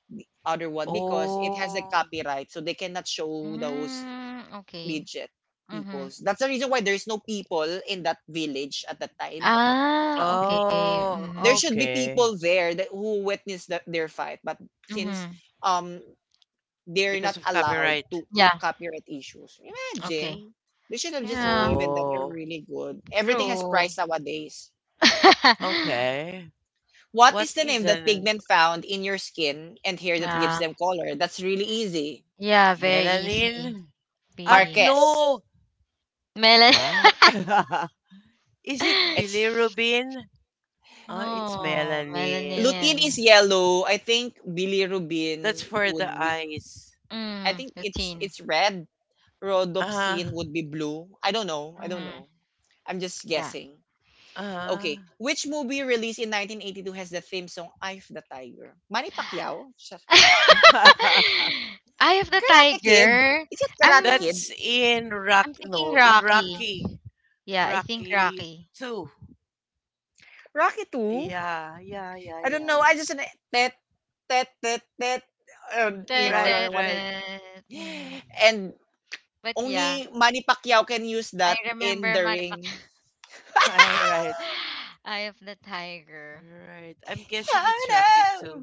S1: other one because it has a
S2: Oh.
S1: copyright, so they cannot show those
S3: Mm, okay.
S1: midget
S3: Mhm.
S1: peoples. That's the reason why there's no people in that village at that time.
S3: Ah, okay.
S2: Oh,
S1: There
S3: Mhm.
S1: should be
S2: okay.
S1: people there that who witnessed their fight, but since
S3: Mhm.
S1: um they're
S2: Because
S1: not
S2: of
S1: allowed
S2: copyright.
S1: to
S3: Yeah.
S1: copyright issues.
S3: Okay.
S1: Imagine they should have just
S3: Yeah.
S1: given that they're
S2: Oh,
S1: really good. Everything has
S3: True.
S1: price nowadays.
S2: okay.
S1: What
S2: What
S1: is the
S2: is
S1: name that
S2: an
S1: pigment found in your skin and hair that gives
S3: Yeah.
S1: them color? That's really easy.
S3: Yeah. Very easy.
S2: melanin?
S3: B.
S1: Marquez.
S2: No.
S3: Melon.
S2: What? Is it
S1: It's
S2: bilirubin? Oh, it's
S3: No.
S2: melanin.
S1: Lutein is
S3: Melanin.
S1: yellow. I think
S2: That's
S1: bilirubin
S2: for the
S1: would be.
S2: eyes.
S1: I
S3: Mm.
S1: think it's
S3: Routine.
S1: it's red. Rhodopsin
S2: Ah,
S1: would be blue. I don't know. I don't
S3: Mhm.
S1: know. I'm just
S3: Yeah.
S1: guessing.
S2: ah.
S1: Okay, which movie released in 1982 has the theme song "Eye of the Tiger"? Manny Pacquiao? Siya-
S3: Eye of the
S1: Karate Kid?
S3: tiger.
S1: Is it
S3: I'm.
S1: Karate Kid?
S2: That's in Rock.
S3: I'm
S2: No,
S3: thinking
S2: in
S3: Rocky.
S2: Rocky.
S3: Yeah. I think
S2: Rocky
S3: Rocky.
S2: 2.
S1: Rocky 2?
S2: Yeah, yeah, yeah,
S1: I don't
S2: yeah,
S1: know. I
S2: yeah.
S1: just tet tet tet tet.
S3: Tet,
S2: Right,
S3: tet,
S1: Another one.
S2: right.
S3: tet. Mhm.
S1: And
S3: But yeah.
S1: only Manny Pacquiao can use
S3: I
S1: that in
S3: remember
S1: the
S3: Manipak.
S1: ring.
S2: All right.
S3: Eye of the Tiger.
S2: Right. I'm guessing it's Rocket too.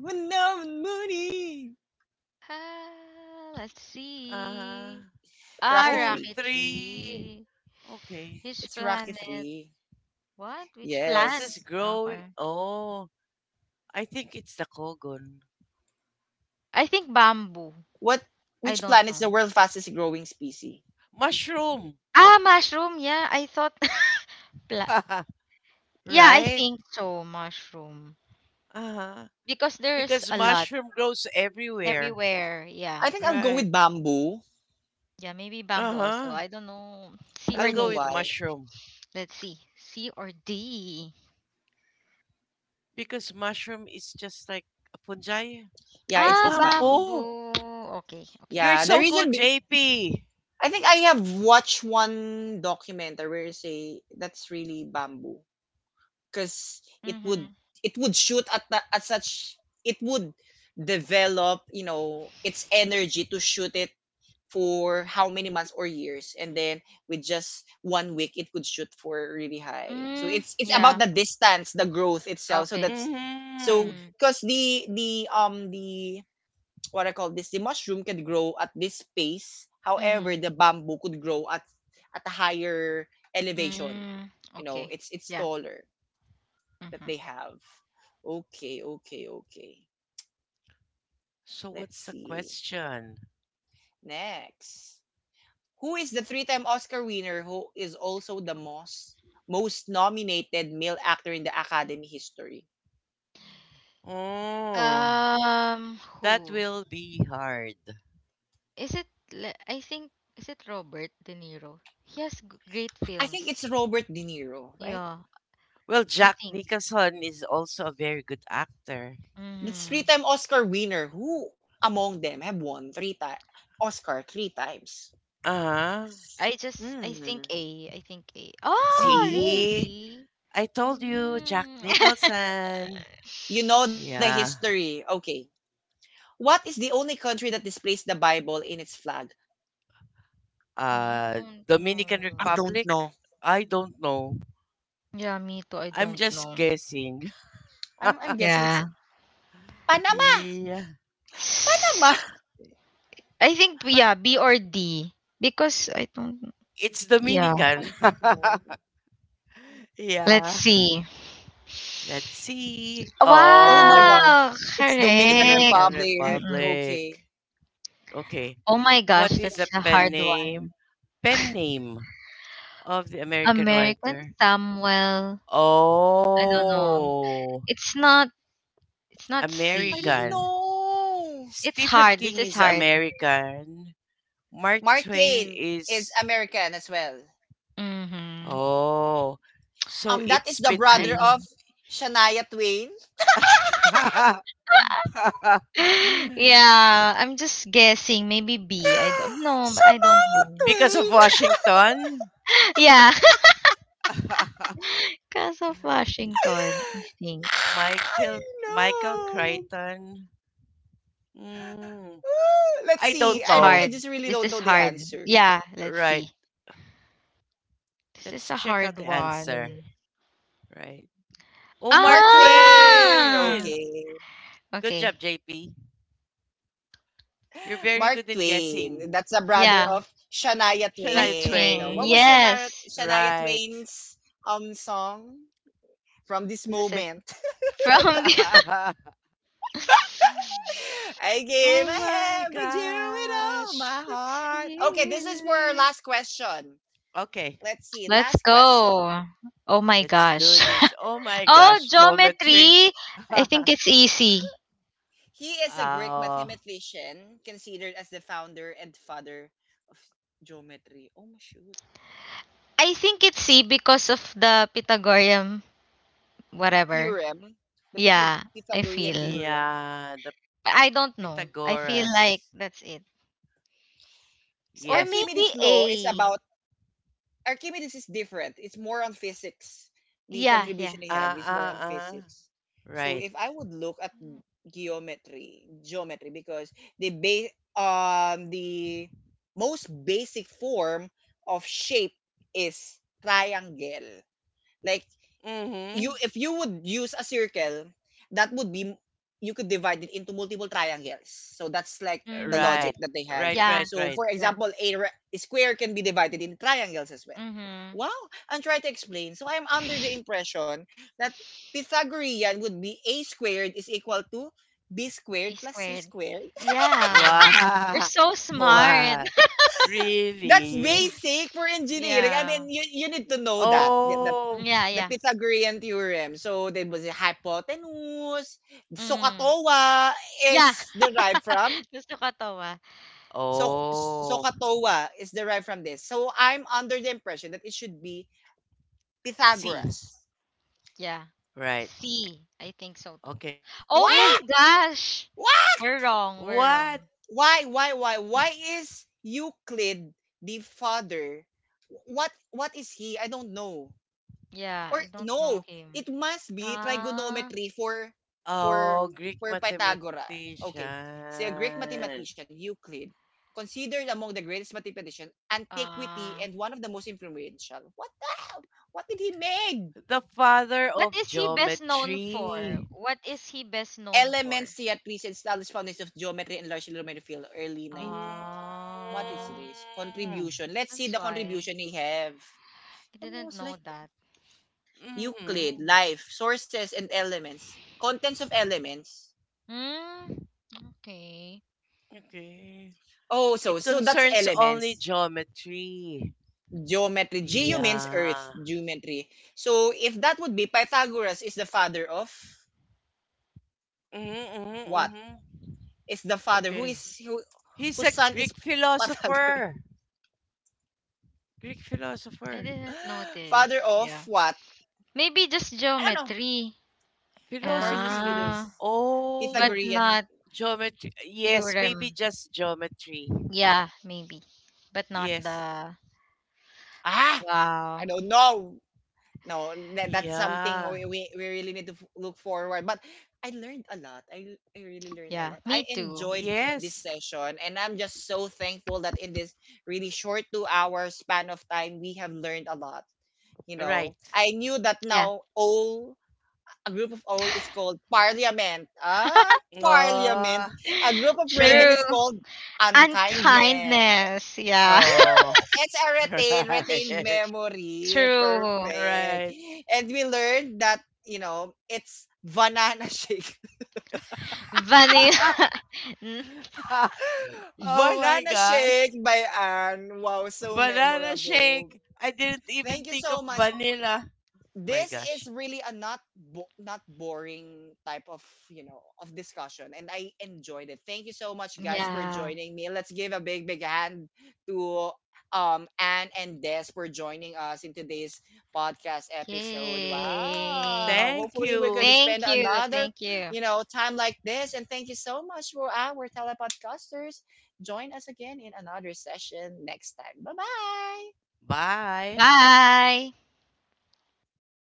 S3: Ah, let's
S2: Uh,
S3: see. Ah,
S1: Rocky
S2: or
S1: three.
S2: 3.
S3: rocketry.
S2: Okay.
S3: His
S1: It's Rocky
S3: planet.
S1: three.
S3: What? Which plant?
S1: Yes.
S2: Fastest growing.
S3: Okay.
S2: Oh, I think it's the Kogon.
S3: I think bamboo.
S1: What?
S3: I
S1: Which
S3: don't
S1: planet is the
S3: know.
S1: world's fastest growing species?
S2: Mushroom.
S3: Ah, mushroom. Yeah, I thought. Pla- yeah, I
S2: Right?
S3: think so. Mushroom.
S2: Uh-huh.
S3: Because there's
S2: Because
S3: a lot
S2: mushroom grows everywhere.
S3: everywhere. Yeah.
S1: I think I'll go
S2: Right.
S1: with bamboo.
S3: Yeah, maybe bamboo also.
S2: Uh-huh.
S3: I don't know. C
S1: I
S2: I'll
S3: or
S1: don't know
S2: go
S3: D.
S2: with
S1: why.
S2: mushroom.
S3: Let's see. C or D.
S2: Because mushroom is just like a fungi.
S1: Yeah,
S2: Oh,
S1: it's
S3: Ah,
S1: it's bamboo.
S2: bamboo.
S3: bamboo. Okay, okay.
S2: You're
S1: Yeah, the
S2: so
S1: reason
S2: good, JP.
S1: I think I have watched one documentary where they say that's really bamboo because it would
S3: Mhm.
S1: it would shoot at at such it would develop, you know, its energy to shoot it for how many months or years, and then with just 1 week it could shoot for really high. So
S3: Mm,
S1: it's about
S3: yeah.
S1: the distance, the growth itself. So
S3: Okay.
S1: that's
S2: Mm-hmm.
S1: so
S3: Mhm.
S1: because the what I call this, the mushroom can grow at this pace. However,
S3: Mhm.
S1: the bamboo could grow at a higher elevation.
S3: Mm,
S1: You know,
S3: okay.
S1: it's
S3: Yeah.
S1: taller that they
S3: Mhm.
S1: have. Okay, okay, okay,
S2: So
S1: let's
S2: what's the
S1: see.
S2: question?
S1: Next, who is the three-time Oscar winner who is also the most nominated male actor in the Academy history?
S2: Oh, that
S3: Who?
S2: will be hard.
S3: Is it I think, is it Robert De Niro? He has great
S1: I think it's
S3: films.
S1: Robert De Niro, right?
S3: Yeah,
S2: Well,
S3: I
S2: Jack
S3: think.
S2: Nicholson is also a very good actor.
S1: That's
S3: Mhm.
S1: three-time Oscar winner. Who among them have won three times Oscar three times?
S2: Uh-huh.
S3: I
S1: Hmm.
S3: think A. I think A.
S1: Oh
S3: Oh,
S1: no.
S2: See?
S3: really?
S2: I told you, Jack
S3: Mm.
S2: Nicholson.
S1: You know the
S2: Yeah.
S1: history. Okay. What is the only country that displays the Bible in its flag?
S3: Oh, I
S2: Uh,
S3: don't
S2: Dominican
S1: I
S3: know.
S1: don't
S2: Republic?
S1: know.
S2: I don't know.
S3: Yeah, me too. I
S2: I'm
S3: don't
S2: just
S3: know.
S2: guessing.
S1: I'm guessing it's
S3: Yeah.
S1: Panama.
S2: Yeah.
S1: Panama.
S3: I think,
S2: But
S3: yeah, B or D because I don't,
S2: it's
S3: yeah.
S1: I
S2: Dominican.
S1: don't know.
S3: Let's
S2: Yeah.
S3: see.
S2: Let's see.
S1: Oh my god.
S2: Oh,
S3: Wow,
S1: It's Dominican
S3: correct.
S2: Dominican
S1: Republic.
S3: Mm-mm.
S2: Republic.
S1: Okay.
S2: Okay.
S3: Oh my gosh,
S2: What is
S3: that's
S2: a
S3: a
S2: pen
S3: hard one.
S2: name? Pen name of the American
S3: American
S2: writer.
S3: Samuel. I don't know.
S2: Oh,
S3: It's not it's not
S1: I don't
S3: C.
S2: American.
S1: know.
S3: It's
S2: Stephen
S3: hard. This
S2: King
S3: is
S2: is
S3: hard.
S2: American. Mark
S1: Mark
S2: Twain
S1: Twain is
S2: is.
S1: American as well.
S3: Mm-hmm.
S2: Oh, so
S1: That is
S2: it's
S1: the
S3: I
S1: brother of
S2: between.
S3: don't.
S1: Shania Twain.
S3: Yeah, I'm just guessing. Maybe B. I don't know, but I don't
S1: Shania
S3: know.
S2: Because of
S1: Twain.
S2: Washington?
S3: Yeah, because of Washington, I think.
S1: I
S2: Michael
S1: know.
S2: Crichton Mm,
S1: Let's
S2: I
S1: see. I,
S3: It's
S2: don't
S1: I just
S2: know.
S3: hard.
S1: really don't know
S3: This
S1: the
S3: is
S1: answer.
S3: hard. Yeah, let's
S2: Right.
S3: see. This is
S2: Let's
S3: a
S2: check
S3: hard
S2: out the answer.
S3: one.
S2: Right. Oh,
S1: Mark
S2: Mark
S1: Twain.
S2: Twain!
S3: Ah!
S1: Okay.
S2: Good
S3: Okay.
S2: job, JP. You're very
S1: Mark
S2: good in
S1: Twain.
S2: guessing.
S1: That's the brother
S3: Yeah,
S1: of Shania
S3: my
S2: Shania
S1: Twain. You know,
S3: train.
S1: what was
S2: Twain.
S3: Yes.
S1: Shania
S2: Right.
S1: Twain's song from this
S3: This is it.
S1: moment?
S3: From the.
S1: I gave
S2: Oh
S1: my
S2: my
S1: hand with you with all
S2: gosh.
S1: my heart. Okay, this is for our last question.
S2: Okay,
S1: Let's see.
S3: Let's
S1: Last question.
S3: go. Oh my
S2: let's do
S3: gosh.
S2: this. Oh my
S3: Oh,
S2: gosh, geometry.
S3: geometry. I think it's easy.
S1: He is a Greek
S2: Oh,
S1: mathematician considered as the founder and father of geometry. Oh my shoot.
S3: I think it's C because of the Pythagorean whatever.
S1: Theorem, the
S3: Yeah, I
S1: Pythagorean
S3: feel.
S1: theorem.
S2: yeah, the
S3: I don't know. I feel like
S2: Pythagoras.
S3: that's it. Or
S2: Yes.
S1: Archimedes'
S3: maybe
S1: law is
S3: a,
S1: about Archimedes is different. It's more on physics. The
S3: yeah, yeah.
S1: contribution he had
S2: Ah,
S1: is more on
S2: ah, ah.
S1: physics. So
S2: Right.
S1: if I would look at geometry, because the base, the most basic form of shape is triangle. Like you
S2: Mm-hmm.
S1: if you would use a circle, that would be you could divide it into multiple triangles. So that's like the
S3: Mm-hmm.
S2: Right.
S1: logic that they have.
S2: Right, right,
S3: Yeah.
S1: So
S2: right.
S1: for
S3: Yeah.
S1: example, a square can be divided into triangles as well.
S3: Mm-hmm.
S1: Wow, I'm trying to explain. So I'm under the impression that Pythagorean would be A squared is equal to B squared
S3: B
S1: plus C
S3: squared.
S1: squared.
S3: Yeah. You're
S2: Wow.
S3: so smart.
S2: Wow.
S1: That's
S2: Really?
S1: basic for engineering. I
S3: Yeah.
S1: mean, you need to know that. Yeah, that.
S2: Oh.
S3: Yeah,
S1: The
S3: yeah.
S1: Pythagorean theorem. So there was a hypotenuse. So
S3: Mm.
S1: katoa
S3: Yeah.
S1: is derived from
S3: Gusto ko to, ah.
S1: so
S2: Oh.
S1: katoa is derived from this. So I'm under the impression that it should be
S2: C.
S1: Pythagoras.
S3: Yeah.
S2: Right.
S3: C. I think so too.
S2: Okay.
S3: Oh
S1: Why?
S2: Oh,
S3: my gosh.
S1: Why?
S3: We're wrong. We're
S2: what?
S3: wrong.
S1: Why? Why? Why?
S2: Wrong.
S1: Why is Euclid the father? What? What is he? I don't know.
S3: Yeah,
S1: Or
S3: I don't know
S1: no,
S3: him.
S1: it must be
S3: Ah.
S1: trigonometry for for
S2: Oh, Greek
S1: for Pythagoras. Okay. See, a
S2: mathematician.
S1: Greek mathematician, Euclid, considered among the greatest mathematician, antiquity, and
S3: Ah.
S1: one of the most influential. What the hell? What did he make?
S2: The father
S3: What
S2: of
S3: is he best known
S2: geometry.
S3: for? What is he best known
S1: Elements,
S3: for?
S1: theatres, and established foundations of geometry and large illuminated field, early 19.
S2: Mm.
S1: What is
S3: Oh,
S1: this? Contribution. Let's
S3: that's
S1: see the
S3: why.
S1: contribution he have.
S3: I didn't
S1: Almost like
S3: know that.
S1: Euclid,
S2: Mm-hmm.
S1: life, sources, and elements. Contents of elements.
S3: Hmm. Okay.
S2: Okay.
S1: Oh, so
S2: It
S1: so that's
S2: concerns only
S1: elements.
S2: geometry.
S1: Geometry. Geo means earth.
S2: Yeah.
S1: Geometry. So if that would be Pythagoras is the father of
S2: Mm-hmm, mm-hmm,
S1: what?
S2: mm-hmm.
S1: Is the father who
S2: Okay.
S1: is
S2: He's
S1: whose
S2: a
S1: son is
S2: Greek
S1: Pythagoras?
S2: philosopher. Greek
S3: I
S2: philosopher.
S3: didn't know
S1: Father
S3: this.
S1: of
S3: Yeah.
S1: what?
S3: Maybe just
S1: I don't know.
S3: geometry.
S1: Various
S2: Philosophy.
S1: philos.
S3: Ah, but
S2: Oh,
S1: Pythagorean.
S3: not
S2: geometry. Yes, maybe
S3: theorem.
S2: just geometry.
S3: Yeah, maybe. But not
S2: Yes.
S3: the.
S1: Ah, I
S3: Wow.
S1: don't know. No, that's something
S2: Yeah.
S1: we really need to look forward, but I learned a lot. I really learned a
S3: Yeah,
S1: lot.
S3: me
S1: I
S3: too.
S1: enjoyed this
S2: Yes.
S1: session and I'm just so thankful that in this really short 2 hour span of time we have learned a lot. You
S2: Right.
S1: know, I knew that
S3: Yeah.
S1: now all a group of all is called parliament. Ah,
S2: Oh,
S1: parliament. A group of raven
S2: correct.
S3: True.
S1: is called unkindness.
S3: Unkindness. Yeah.
S1: Ooh,
S2: Oh,
S1: it's a retained
S2: right.
S1: memory.
S3: True.
S1: Perfect.
S2: Right.
S1: And we learned that, you know, it's banana shake.
S3: Vanilla. Mm,
S2: Oh my
S1: Banana
S2: gosh.
S1: shake by Anne. Wow, so
S2: Banana
S1: memorable.
S2: shake. I didn't even
S1: Thank you
S2: think of
S1: so much.
S2: vanilla. My
S1: This is
S2: gosh.
S1: really a not boring type of, you know, of discussion, and I enjoyed it. Thank you so much guys for
S3: yeah.
S1: joining me. Let's give a big hand to Anne and Des for joining us in today's podcast episode.
S3: Yay.
S1: Wow,
S2: Thank
S1: hopefully we
S2: you.
S1: could spend
S3: Thank you.
S1: another,
S3: Thank you.
S1: you know, time like this. And thank you so much for our telepodcasters. Join us again in another session next time. Bye bye.
S2: Bye.
S3: Bye.